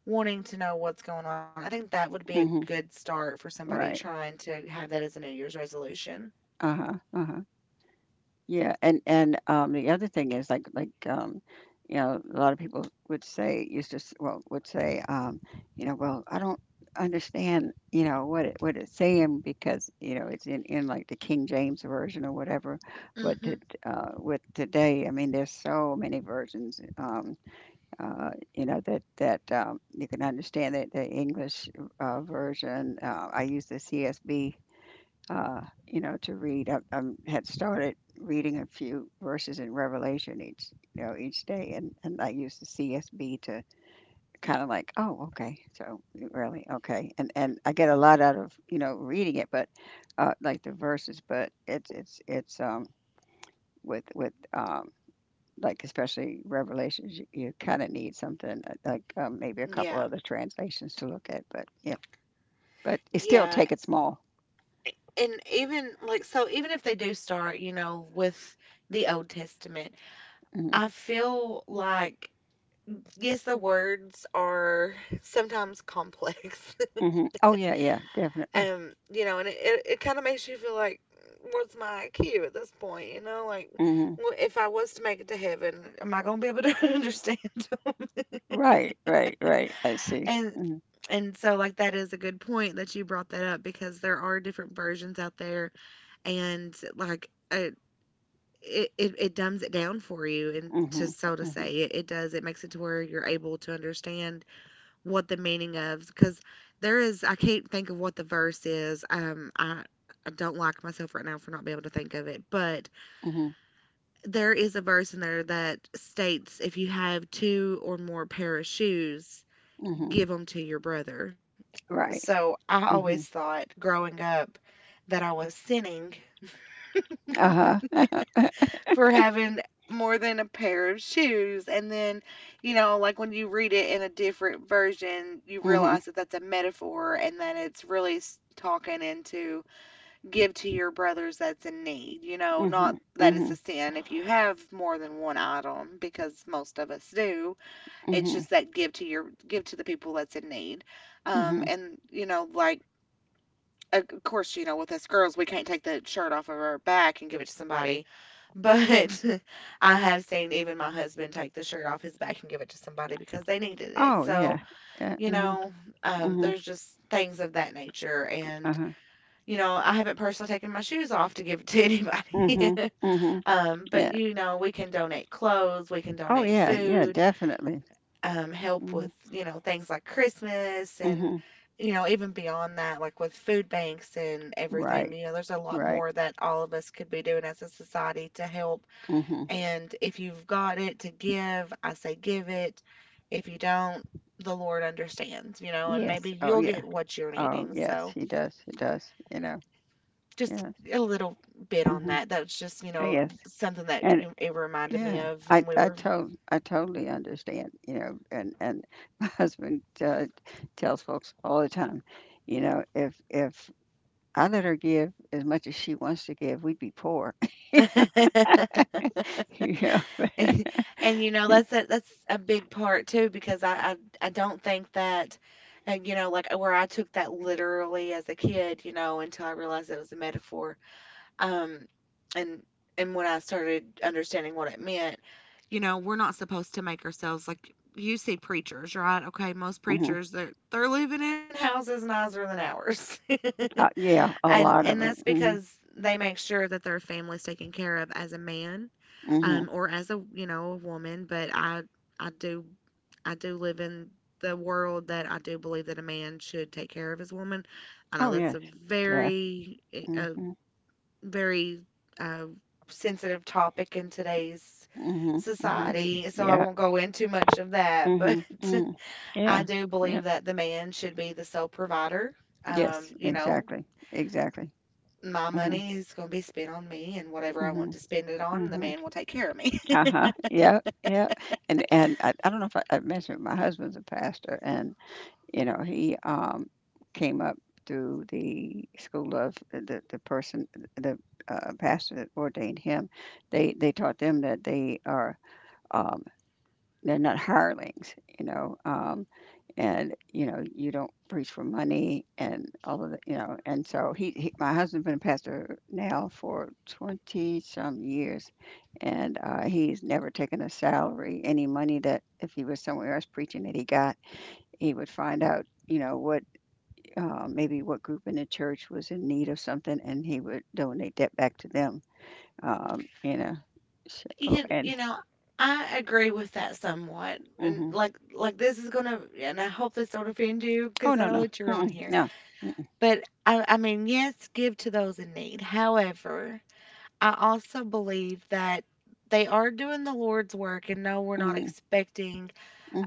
wanting to know what's going on. I think that would be a
Mhm.
good start for somebody
Right.
trying to have that as a New Year's resolution.
Uh huh. Uh huh. Yeah, and the other thing is you know, a lot of people would say used to s- well would say you know, well, I don't understand you know what it's saying because you know it's in like the King James version or whatever. But to,
Hmm.
with today, I mean, there's so many versions. You know that you can understand that the English version. I use the CSB you know, to read. I had started reading a few verses in Revelation each, you know, each day, and I use the CSB to kind of like, oh, okay, so really, okay, and I get a lot out of you know reading it, but like the verses, but it's with like especially revelations you kind of need something maybe a couple
Yeah.
other translations to look at but yeah but it still
Yeah.
take it small.
And even like so even if they do start, you know, with the Old Testament,
Hmm.
I feel like yes, the words are sometimes complex.
Hmm. Oh yeah, yeah definitely.
You know, and it kind of makes you feel like, what's my IQ at this point? You know, like,
Hmm.
well, if I was to make it to heaven, am I going to be able to understand them?
Right, right, right. I see.
And
Mhm,
and so like that is a good point that you brought that up because there are different versions out there and like it dumbs it down for you and to
mhm,
so to
mhm,
say it, it does it makes it to where you're able to understand what the meaning of because there is I can't think of what the verse is. I don't like myself right now for not being able to think of it, but
mhm,
there is a verse in there that states if you have two or more pair of shoes,
mhm.
give them to your brother.
Right.
So I always
Mhm.
thought growing up that I was sinning
Uh-huh.
for having more than a pair of shoes. And then, you know, like when you read it in a different version, you
Mhm,
realize that that's a metaphor and that it's really talking into give to your brothers that's in need, you know, not
mhm,
that it's a
mhm,
sin if you have more than one item, because most of us do. It's
mhm,
just that give to your give to the people that's in need.
mhm.
And you know, like of course, you know, with us girls, we can't take the shirt off of our back and give it to somebody but I have seen even my husband take the shirt off his back and give it to somebody because they needed it.
Oh, yeah. Yeah.
You
Mhm,
know,
mhm.
there's just things of that nature.
Uh-huh.
I haven't personally taken my shoes off to give it to anybody.
Mhm, mhm.
But,
Yeah.
you know, we can donate clothes, we can
Oh,
donate
yeah. Yeah,
food,
definitely.
help with,
Mhm,
you know, things like Christmas and,
mhm.
you know, even beyond that, like with food banks and everything,
Right,
you know, there's a lot
right.
more that all of us could be doing as a society to help
Mhm.
and if you've got it to give, I say give it. If you don't, the Lord understands, you know, and maybe
Yes. Oh,
you'll
yeah.
get what you're
Oh,
needing.
yes.
So
He does. He does.
just
Yes.
a little bit on
Mhm.
that. That's just, you
Oh,
know,
yes.
something that
And
it reminded me
yeah,
of
I
when we
I
were
to I totally understand, and my husband tells folks all the time, you know, if I let her give as much as she wants to give, we'd be poor, you know.
and you know that's that's a big part too because I don't think that you know like where I took that literally as a kid you know until I realized it was a metaphor. Um, and and when I started understanding what it meant, you know, we're not supposed to make ourselves like you see preachers, right? Okay, most
Hmm.
preachers they're living in houses nicer than ours.
Yeah, a
and
lot
and
of
that's
them.
because they make sure that their family's taken care of as a man,
Hmm, hmm.
or as a you know, a woman. But I do I do live in the world that I do believe that a man should take care of his woman. I know
Oh
that's
yes,
a
yeah.
very a
Mm-hmm.
very uh, sensitive topic in today's
Hmm, hmm.
society, so I
Yeah.
won't go into much of that. But
Hmm, hmm.
I
Yeah.
do
Yeah.
believe that the man should be the sole provider.
Yes.
You know,
Exactly. Exactly.
my
Hmm,
money is going to be spent on me, and whatever I want
hmm,
to spend it on, the
hmm.
man will take care of me.
Uh-huh. Yeah, yeah. And I don't know if I mentioned my husband's a pastor and you know, he came up through the school of the person the pastor that ordained him. They taught them that they are um they're not hirelings, you know, and, you know, you don't preach for money and all of the you know, and so he my husband's been a pastor now for 20 some years, and, he's never taken a salary. Any money that if he was somewhere else preaching that he got, he would find out, you know, what, maybe what group in the church was in need of something, and he would donate that back to them, you know, so and
You know, I agree with that somewhat, and
mhm.
like this is gonna, and I hope this don't offend you
Oh,
because I
no,
know
no.
that you're on
Mm-mm,
here.
no. Mm-mm,
But I mean, yes, give to those in need. However, I also believe that they are doing the Lord's work, and no, we're not
mhm.
expecting,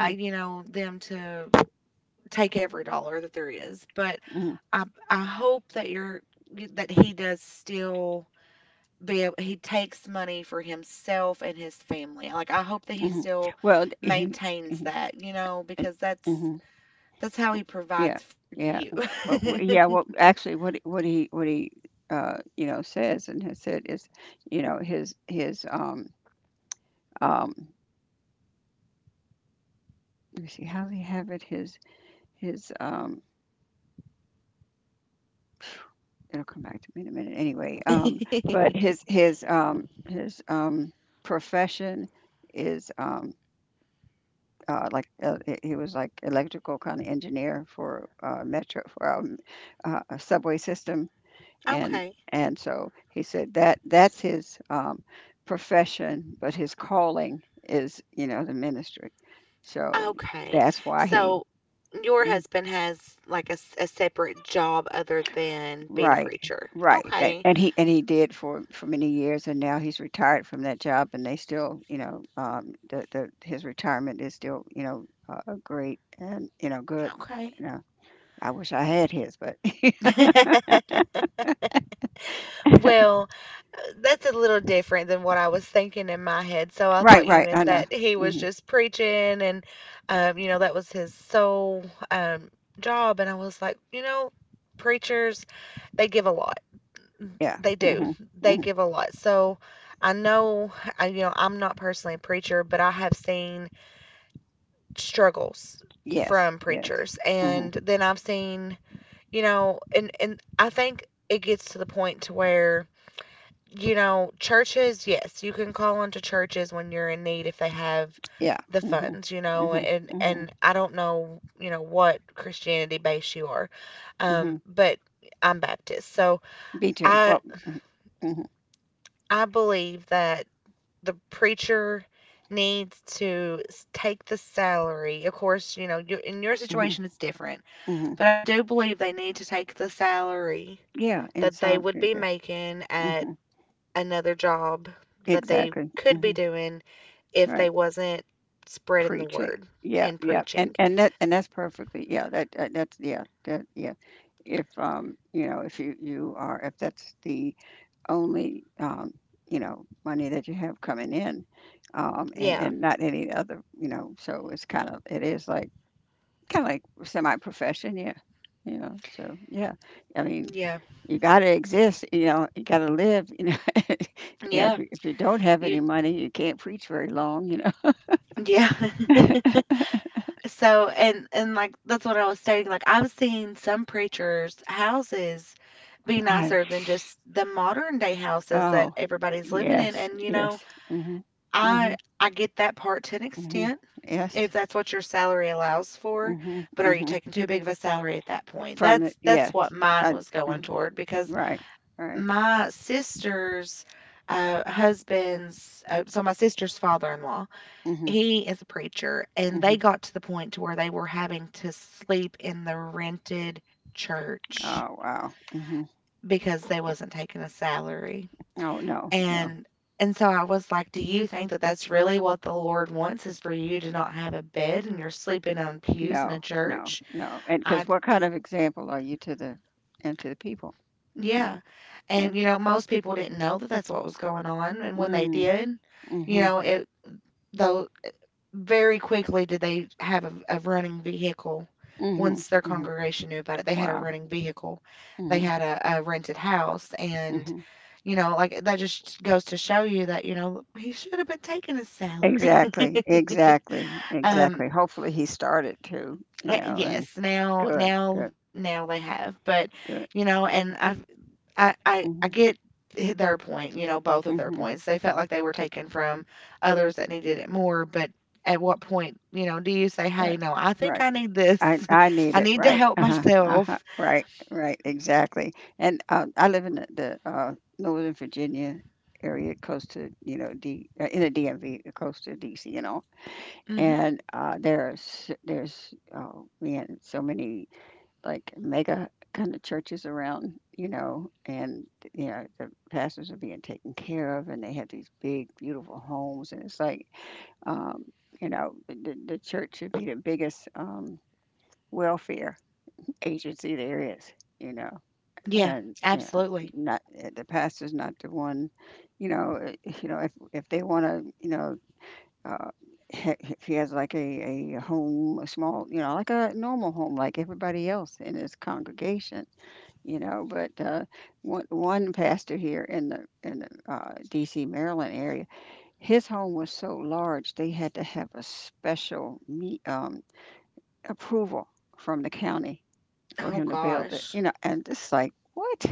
you know, them to take every dollar that there is. But
mhm,
I, I hope that that he does still be able, he takes money for himself and his family. Like I hope that he
mhm.
still
Well,
maintains
he
that, you know, because
hmm,
that's how he
yeah,
provides for
yeah,
you.
well, yeah. Well, actually, what he you know says and has said is, you know, his um. Let me see how does he have it. His his. It'll come back to me in a minute. Anyway, But his profession is like he was like electrical kind of engineer for metro for a subway system and
Okay.
and so he said that that's his profession, but his calling is you know the ministry. So
Okay.
that's why he
So your
mm,
husband has like a separate job other than being a
right
preacher.
right and,
Okay.
and he did for many years and now he's retired from that job and they still you know the, his retirement is still you know great and you know good
Okay.
you know I wish I had his but
Well, that's a little different than what I was thinking in my head. So I
right
thought you
right I
meant
know
that he was
hmm
just preaching and, you know, that was his sole um, job. And I was like, you know, preachers, they give a lot. Mm,
yeah
they do.
hmm
They
hmm
give a lot. So I know, you know, I'm not personally a preacher, but I have seen struggles
yes
from
yes
preachers
hmm.
and then I've seen, you know, and I think it gets to the point to where you know, churches, yes, you can call into churches when you're in need if they have
Yeah.
the
Mhm.
funds, you know,
Mhm. Mhm.
and I don't know, you know, what Christianity base you are.
Mhm.
But I'm Baptist. So
Me too.
I
Well. Mhm. Mhm.
I believe that the preacher needs to take the salary. Of course, you know, you in your
Mm.
situation it's different.
Mhm.
But I do believe they need to take the salary
Yeah. And
that they
some.
would
It
be
just,
making at
mhm.
another job that they
Exactly.
could
Mm.
be
Mhm.
doing if they
Right.
wasn't spreading the
Preaching.
word
Yeah.
and
Yeah. And
preaching.
and that and that's perfectly. Yeah. That's yeah. That yeah. If you know if you you are if that's the only you know money that you have coming in
Yeah.
and not any other you know so it's kind of it is like kinda like semi-profession, yeah. You know, so, yeah. I mean,
Yeah.
you gotta exist, you know, you gotta live, you know. Yeah,
Yeah.
if you don't have
You
any money, you can't preach very long, you know.
yeah. So and like that's what I was stating. Like I've seen some preachers' houses be
I
nicer than just the modern day houses that
oh,
everybody's living in.
yes,
And you know,
yes. Mhm.
I
Mhm,
I get that part to an
mhm.
extent.
Yes.
If that's what your salary allows for,
Mhm,
but are you
mhm.
taking too big of a salary at that point?
From it
That's
yes.
what mine
I
was
uh,
going toward because
right, right.
my sister's husband's so my sister's father-in-law,
Mhm,
he is a preacher, and they
mhm.
got to the point to where they were having to sleep in the rented church
Oh, wow. Mhm.
because they wasn't taking a salary.
Oh, no, no,
And and so I was like, "Do you think that that's really what the Lord wants is for you to not have a bed and you're sleeping on pews in a
no, no,
church?"
no. And
I
because what kind of example are you to the and to the people? You
yeah.
know, yep.
And you know, most people didn't know that that's what was going on, and when they
Mm,
did, you
mhm,
know, it though very quickly did they have a running vehicle.
mhm,
Once their
mhm.
congregation knew about it, they had a
Wow.
running vehicle. They
Mhm,
had a rented house and
mhm.
you know, like that just goes to show you that, you know, he should have been taking his salary.
Exactly, exactly,
Um,
exactly. Hopefully he started to, you know,
Yes,
and good, good,
now they have, but
good.
you know, and I've, I
Mhm,
get their point. You know, both of their
mhm.
points. They felt like they were taken from others that needed it more, but at what point, you know, do you say, "Hey,
Right,
no, I think
right.
I need this.
I need
I
it.
need to
Right.
help
Uh-huh. Uh-huh.
myself."
Right, right. Exactly. And I live in the Northern Virginia area, close to you know D in the DMV, close to DC and all.
Hmm.
And there's oh man, so many like mega kind of churches around, you know, and you know the pastors are being taken care of, and they have these big, beautiful homes, and it's like, um, you know, the church should be the biggest welfare agency there is, you know,
Yeah,
and you know,
absolutely.
not eh, the pastor's not the one, you know, eh, you know if they want to, you know. Uh, if he has like a home, a small, you know, like a normal home, like everybody else in his congregation, you know, but one pastor here in the D.C. Maryland area, his home was so large they had to have a special me approval from the county for
Oh
him to build it,
gosh.
you know, and it's like what,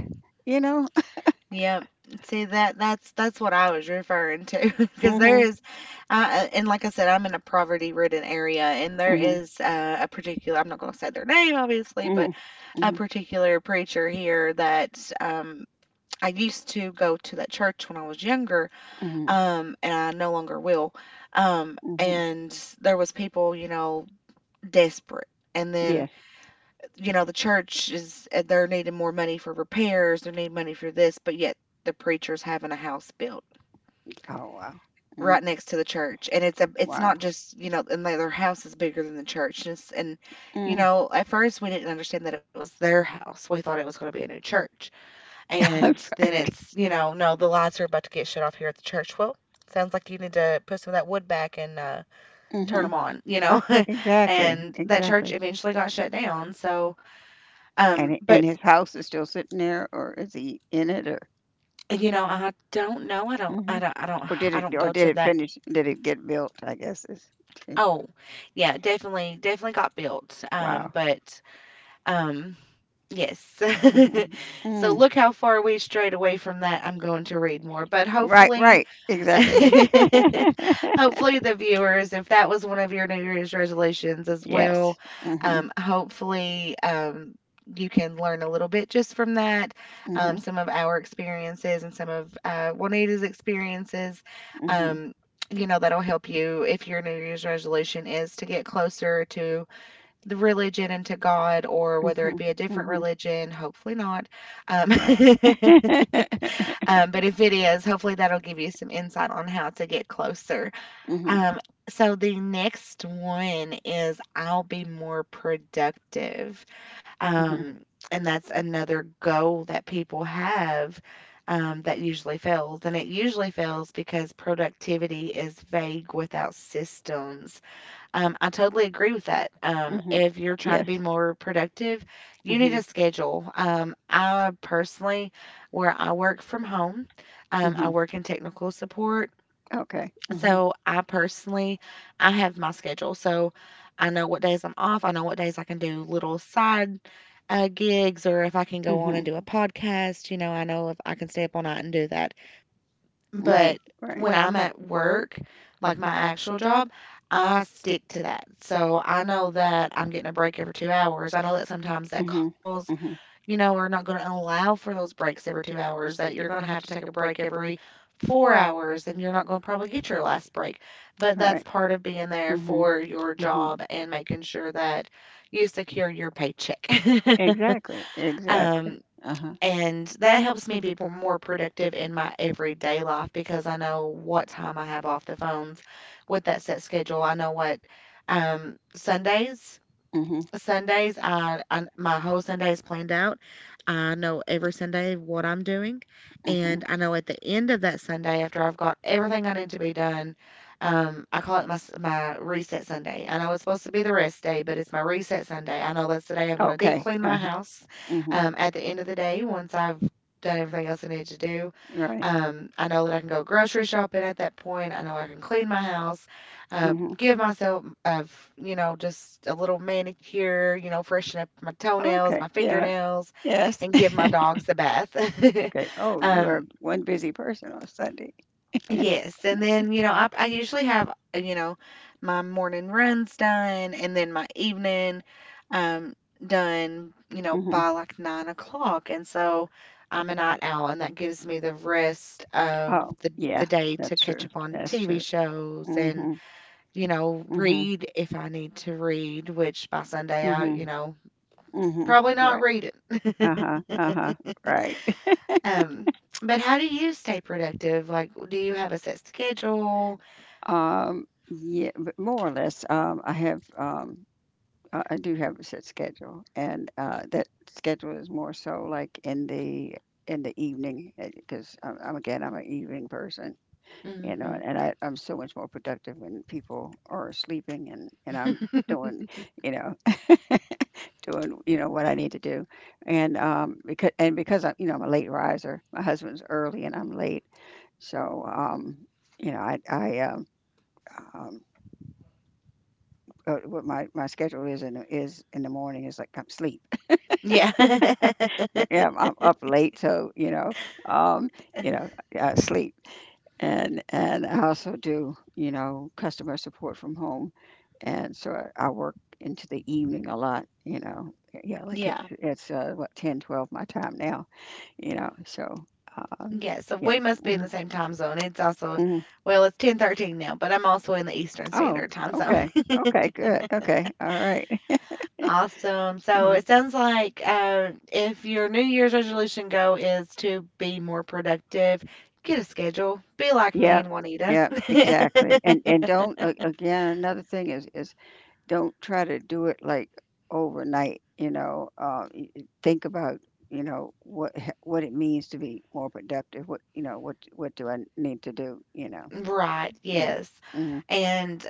you know?
Yep. See that that's what I was referring to because there
Mhm,
is, and like I said, I'm in a poverty-ridden area, and there
mhm,
is a particular. I'm not going to say their name, obviously, but
mhm,
a
mhm,
particular preacher here that I used to go to that church when I was younger,
mhm,
and I no longer will.
mhm.
And there was people, you know, desperate, and then
Yes.
you know, the church is they're needing more money for repairs, they need money for this, but yet the preacher's having a house built
Oh wow. Mm,
right next to the church, and it's a it's
wow.
not just you know, and their house is bigger than the church, and, and you
Mm.
know, at first we didn't understand that it was their house, we thought it was going to be a new church, and then
right.
it's you know, no, the lights are about to get shut off here at the church. Well. Sounds like you need to put some of that wood back and turn them
Mhm.
on, you know.
Exactly.
And that church
Exactly.
eventually got shut down. So,
And
but
and his house is still sitting there, or is he in it, or
you know, I don't know. I don't I
mhm.
don't I don't I don't
Or
go
did
to
it
that.
finish? Did it get built, I guess is
Oh, yeah, definitely got built.
wow.
But um yes.
Mhm.
So
Mm.
look how far we strayed away from that. I'm going to read more, but
Right,
hopefully
right. Exactly.
hopefully, the viewers, if that was one of your New Year's resolutions as
Yes.
well,
Mhm.
hopefully, you can learn a little bit just from that,
Mhm.
some of our experiences and some of Juanita's experiences.
Mhm.
Um, you know, that'll help you if your New Year's resolution is to get closer to the religion and to God, or whether it
Mhm.
be a different
Mhm.
religion, hopefully not. Um,
Right.
But if it is, hopefully that'll give you some insight on how to get closer.
Mhm.
Um, so the next one is I'll be more productive.
Mhm.
Um, and that's another goal that people have that usually fails. And it usually fails because productivity is vague without systems. I totally agree with that.
Mhm.
If you're trying to
Yes.
be more productive, you need a
Mhm.
schedule. I personally, where I work from home, I
Mhm.
work in technical support.
Okay. Mhm.
So I personally, I have my schedule. So I know what days I'm off. I know what days I can do little side gigs, or if I can go on and do a
Mhm.
podcast. You know, I know if I can stay up all night and do that.
Mhm.
But
Right.
when I'm at work, like my actual job, I stick to that. So I know that I'm getting a break every 2 hours. I know that sometimes that
Mhm.
calls,
Mhm.
you know, are not going to allow for those breaks every 2 hours, that you're going to have to take a break every 4 hours and you're not going to probably get your last break. But
All
that's
right.
part of being there
Mhm.
for your
Mhm.
job and making sure that you secure your paycheck.
Exactly. Exactly.
um,
Uh-huh.
and that helps me be p more productive in my everyday life because I know what time I have off the phones with that set schedule. I know what um, Sundays
Mhm.
Sundays, I my whole Sunday is planned out. I know every Sunday what I'm doing,
Mhm.
and I know at the end of that Sunday, after I've got everything I need to be done, I call it my reset Sunday. I know it's supposed to be the rest day, but it's my reset Sunday. I know that's the day I'm going to deep
Okay.
clean my
Uh-huh.
house. At the end of the day, once I've done everything else I need to do,
Right,
I know that I can go grocery shopping at that point. I know I can clean my house, uh,
mhm.
give myself of just a little manicure, freshen up my toenails,
Okay,
my
yeah,
fingernails,
yes.
and give my dogs a bath.
Okay, oh, you
um,
are one busy person on Sunday.
Yes, and then, I usually have, uh, you know, my morning runs done, and then my evening um done,
Mhm.
by like 9 o'clock. And so I'm a night owl, and that gives me the rest of
Oh,
the
yeah,
day to
that's
catch
true,
up on
that's
TV
true.
shows and,
Mhm, mhm,
read if I need to read, which by Sunday I,
mhm, mhm.
probably
You're
not
right.
read it.
Uh-huh, uh-huh, right.
Um, but how do you stay productive? Like, do you have a set schedule?
Yeah, but more or less, I have, I do have a set schedule, and, that schedule is more so like in the evening, because I'm again, I'm an evening person. You know,
Hmm.
and I'm so much more productive when people are sleeping and I'm doing, you know, doing, you know, what I need to do. And, because, and because I'm, you know, I'm a late riser, my husband's early and I'm late. So, you know, um, what my schedule is in, is in the morning is like I'm sleep.
Yeah.
Yeah, I'm up late. So, um,
Uh,
you know, sleep. And I also do, you know, customer support from home, and so I work into the evening a lot, you know. Yeah, like it's
Yeah.
it's uh, what 10:12 my time now, you know. So, uh,
Yeah. So
yeah.
we must be in
Hmm,
the same time zone. It's also,
hmm.
well, it's 10:13 now, but I'm also in the Eastern
Oh,
Standard Time Zone.
okay, okay, good, okay, all right.
Awesome. So
Mhm.
it sounds like if your New Year's resolution goal is to be more productive, get a schedule. Be like me
Yep,
and Juanita.
yep, exactly. And don't again. Another thing is don't try to do it, like, overnight, you know, y y think about, you know, what it means to be more productive, what you know, what do I need to do, you know?
Right.
Yeah.
Yes.
Mhm,
And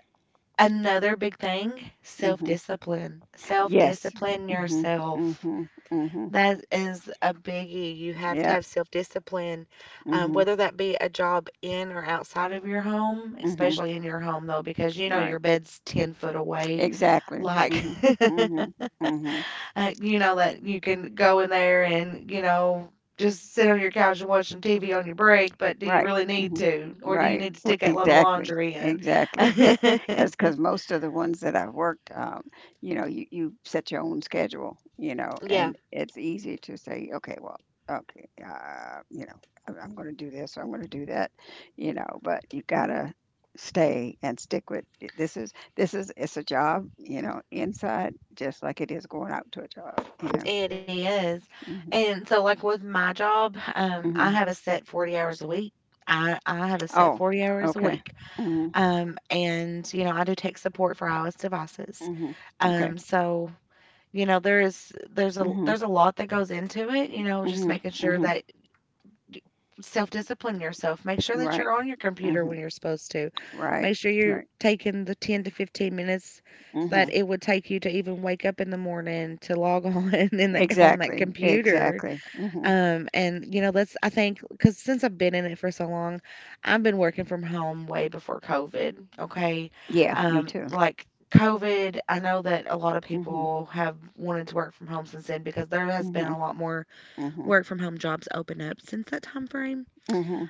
another big thing, self
mhm.
discipline. Self
Yes.
discipline
Mhm,
yourself.
mhm, mhm.
That is a biggie. You have to
Yep.
have self discipline,
Mhm,
whether that be a job in or outside of your home,
mhm.
especially in your home, though, because you know your
Right.
bed's 10 foot away.
Exactly.
Like,
Mhm, mhm, mhm.
that you can go in there and, just sit on your couch and watch some TV on your break, but do you
Right.
really need
Mhm.
to? Or do you
Right.
need to stick that load of
Exactly.
laundry in?
Exactly. Because most of the ones that I've worked, you know, you set your own schedule, you know,
Yeah.
and it's easy to say, okay, well, okay, you know, I'm going to do this or I'm going to do that, you know, but you gotta stay and stick with it. This is this is it's a job, you know, inside just like it is going out to a job, you know.
It is. And so, like, with my job,
Hmm,
I
hmm.
have a set 40 hours a week. I have a set
Oh,
40 hours a
okay.
week.
Hmm,
And I do tech support for iOS devices.
hmm. Okay.
So,
Mhm.
there's a lot that goes into it, just
Mhm,
making sure
mhm,
that self-discipline yourself. Make sure that
right.
you're on your computer when
Mhm,
you're supposed to.
right,
Make sure you're
right.
taking the 10 to 15 minutes that
Mhm.
it would take you to even wake up in the morning to log on in that on that
Exactly,
computer.
exactly. Mhm.
And that's, I think, because since I've been in it for so long, I've been working from home way before COVID. Okay.
Yeah, me too.
Like COVID, I know that a lot of
Mhm,
people have wanted to work from home since then because there has been a
mhm,
lot more
mhm,
work from home jobs open up since that time frame.
mhm.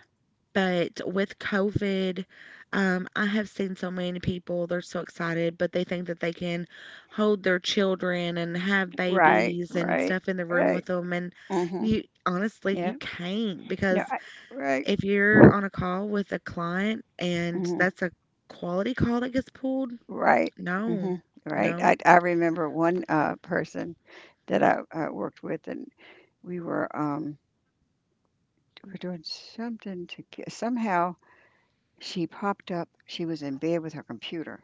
But with COVID, I have seen so many people, they're so excited, but they think that they can hold their children and have
Right,
babies and
right,
stuff in the room
right.
with them. And,
Mhm.
you honestly, you
Yeah.
can't,
No,
because
I, right.
if you're on a call with a client and
Mhm.
that's a quality call that gets pulled,
Right.
no,
Mhm. Right.
no.
I remember one person that I worked with, and we were um we were doing something to get, somehow she popped up. She was in bed with her computer,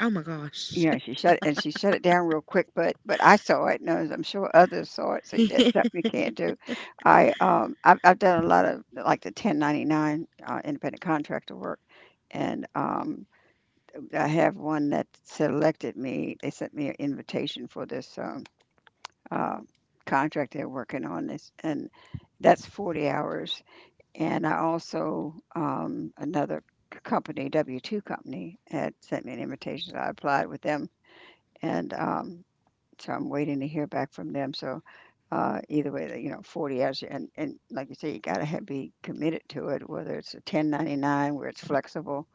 Oh my gosh.
yeah, she shut it down real quick, but I saw it, and I'm sure others saw it, so that's something you can't do. I've done a lot of like the 1099 independent contractor work, and I have one that selected me. They sent me an invitation for this uh, contract they're working on this, and that's 40 hours. And I also another company W2 company had sent me an invitation, so I applied with them and so I'm waiting to hear back from them. So either way, you know, 40 hours, and like you say, you gotta have, be committed to it, whether it's a 1099 where it's flexible,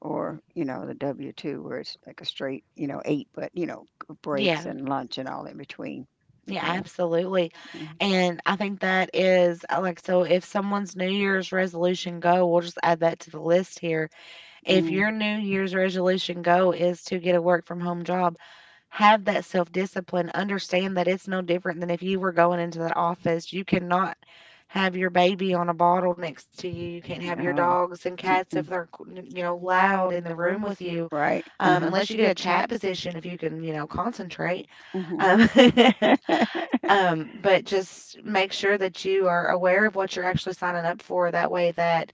or you know, the W-2 where it's like a straight, you know, eight, but you know, breaks
Yeah.
and lunch and all in between.
Yeah,
Yeah.
absolutely.
Mm,
And I think that is, like, so if someone's New Year's resolution goal, we'll just add that to the list here. If
mm,
your New Year's resolution goal is to get a work from home job, have that self discipline. Understand that it's no different than if you were going into that office. You cannot have your baby on a bottle next to you. You can't have your
no.
dogs and cats if
Mm-mm.
they're, loud in the room with you,
Right. Uh-huh.
unless you get a chat position if you can, concentrate.
Mm-hmm.
Um, But just make sure that you are aware of what you're actually signing up for. That way, that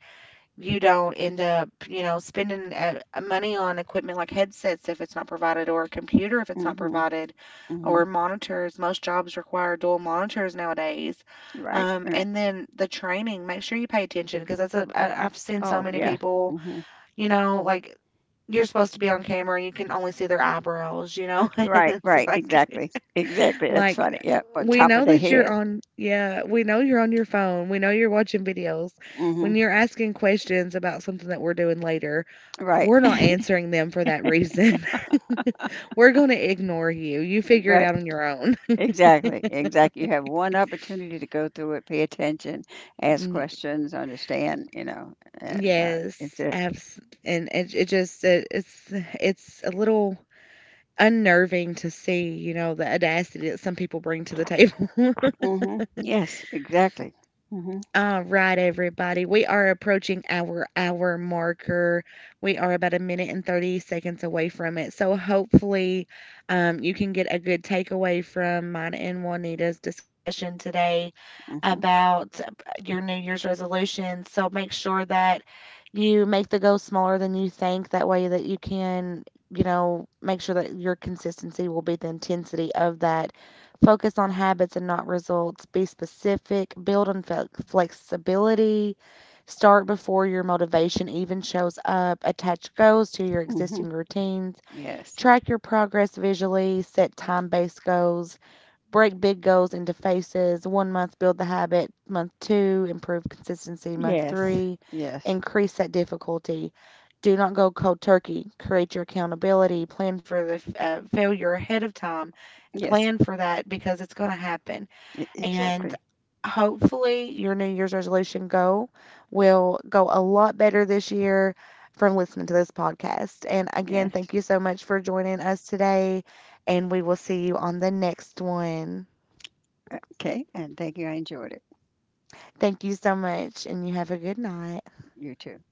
you don't end up, spending money on equipment like headsets if it's not provided, or a computer if it's not
Mm-hmm.
provided,
Mm-hmm.
or monitors. Most jobs require dual monitors nowadays.
Right.
Um,
Right.
and then the training, make sure you pay attention, because that's a, I've seen so
Oh,
many
yeah.
people,
Mm-hmm.
like, you're supposed to be on camera and you can only see their eyebrows, you know? And
Right.
it's
Right.
like,
Exactly. Exactly. That's
like,
funny. Yeah. Or
we
top of
know
the
that you're
head.
on, yeah, we know you're on your phone. We know you're watching videos.
Mm-hmm.
When you're asking questions about something that we're doing later,
Right,
we're not answering them for that reason. We're going to ignore you. You figure it
right.
out on your own.
Exactly, exactly. You have one opportunity to go through it, pay attention, ask
N-
questions, understand, you know, and it's
Yes,
a,
abs and it just it, it's a little unnerving to see, the audacity that some people bring to the table.
hmm yes, exactly. Hmm,
All right, everybody. We are approaching our hour marker. We are about a minute and 30 seconds away from it. So hopefully, you can get a good takeaway from mine and Juanita's discussion today
hmm,
about, your New Year's resolutions. So make sure that you make the goal smaller than you think. That way that you can, make sure that your consistency will be the intensity of that. Focus on habits and not results. Be specific. Build on flexibility. Start before your motivation even shows up. Attach goals to your
hmm.
existing routines.
Yes,
Track your progress visually. Set time based goals. Break big goals into phases. 1 month, build the habit. Month 2, improve consistency. Month
yes,
three,
yes,
increase that difficulty. Do not go cold turkey. Create your accountability. Plan for the failure ahead of time.
yes,
Plan for that because it's going to happen. And
exactly.
hopefully, your New Year's resolution goal will go a lot better this year from listening to this podcast. And again,
Yes.
thank you so much for joining us today. And we will see you on the next one.
Okay, and thank you. I enjoyed it.
Thank you so much, and you have a good night.
You too.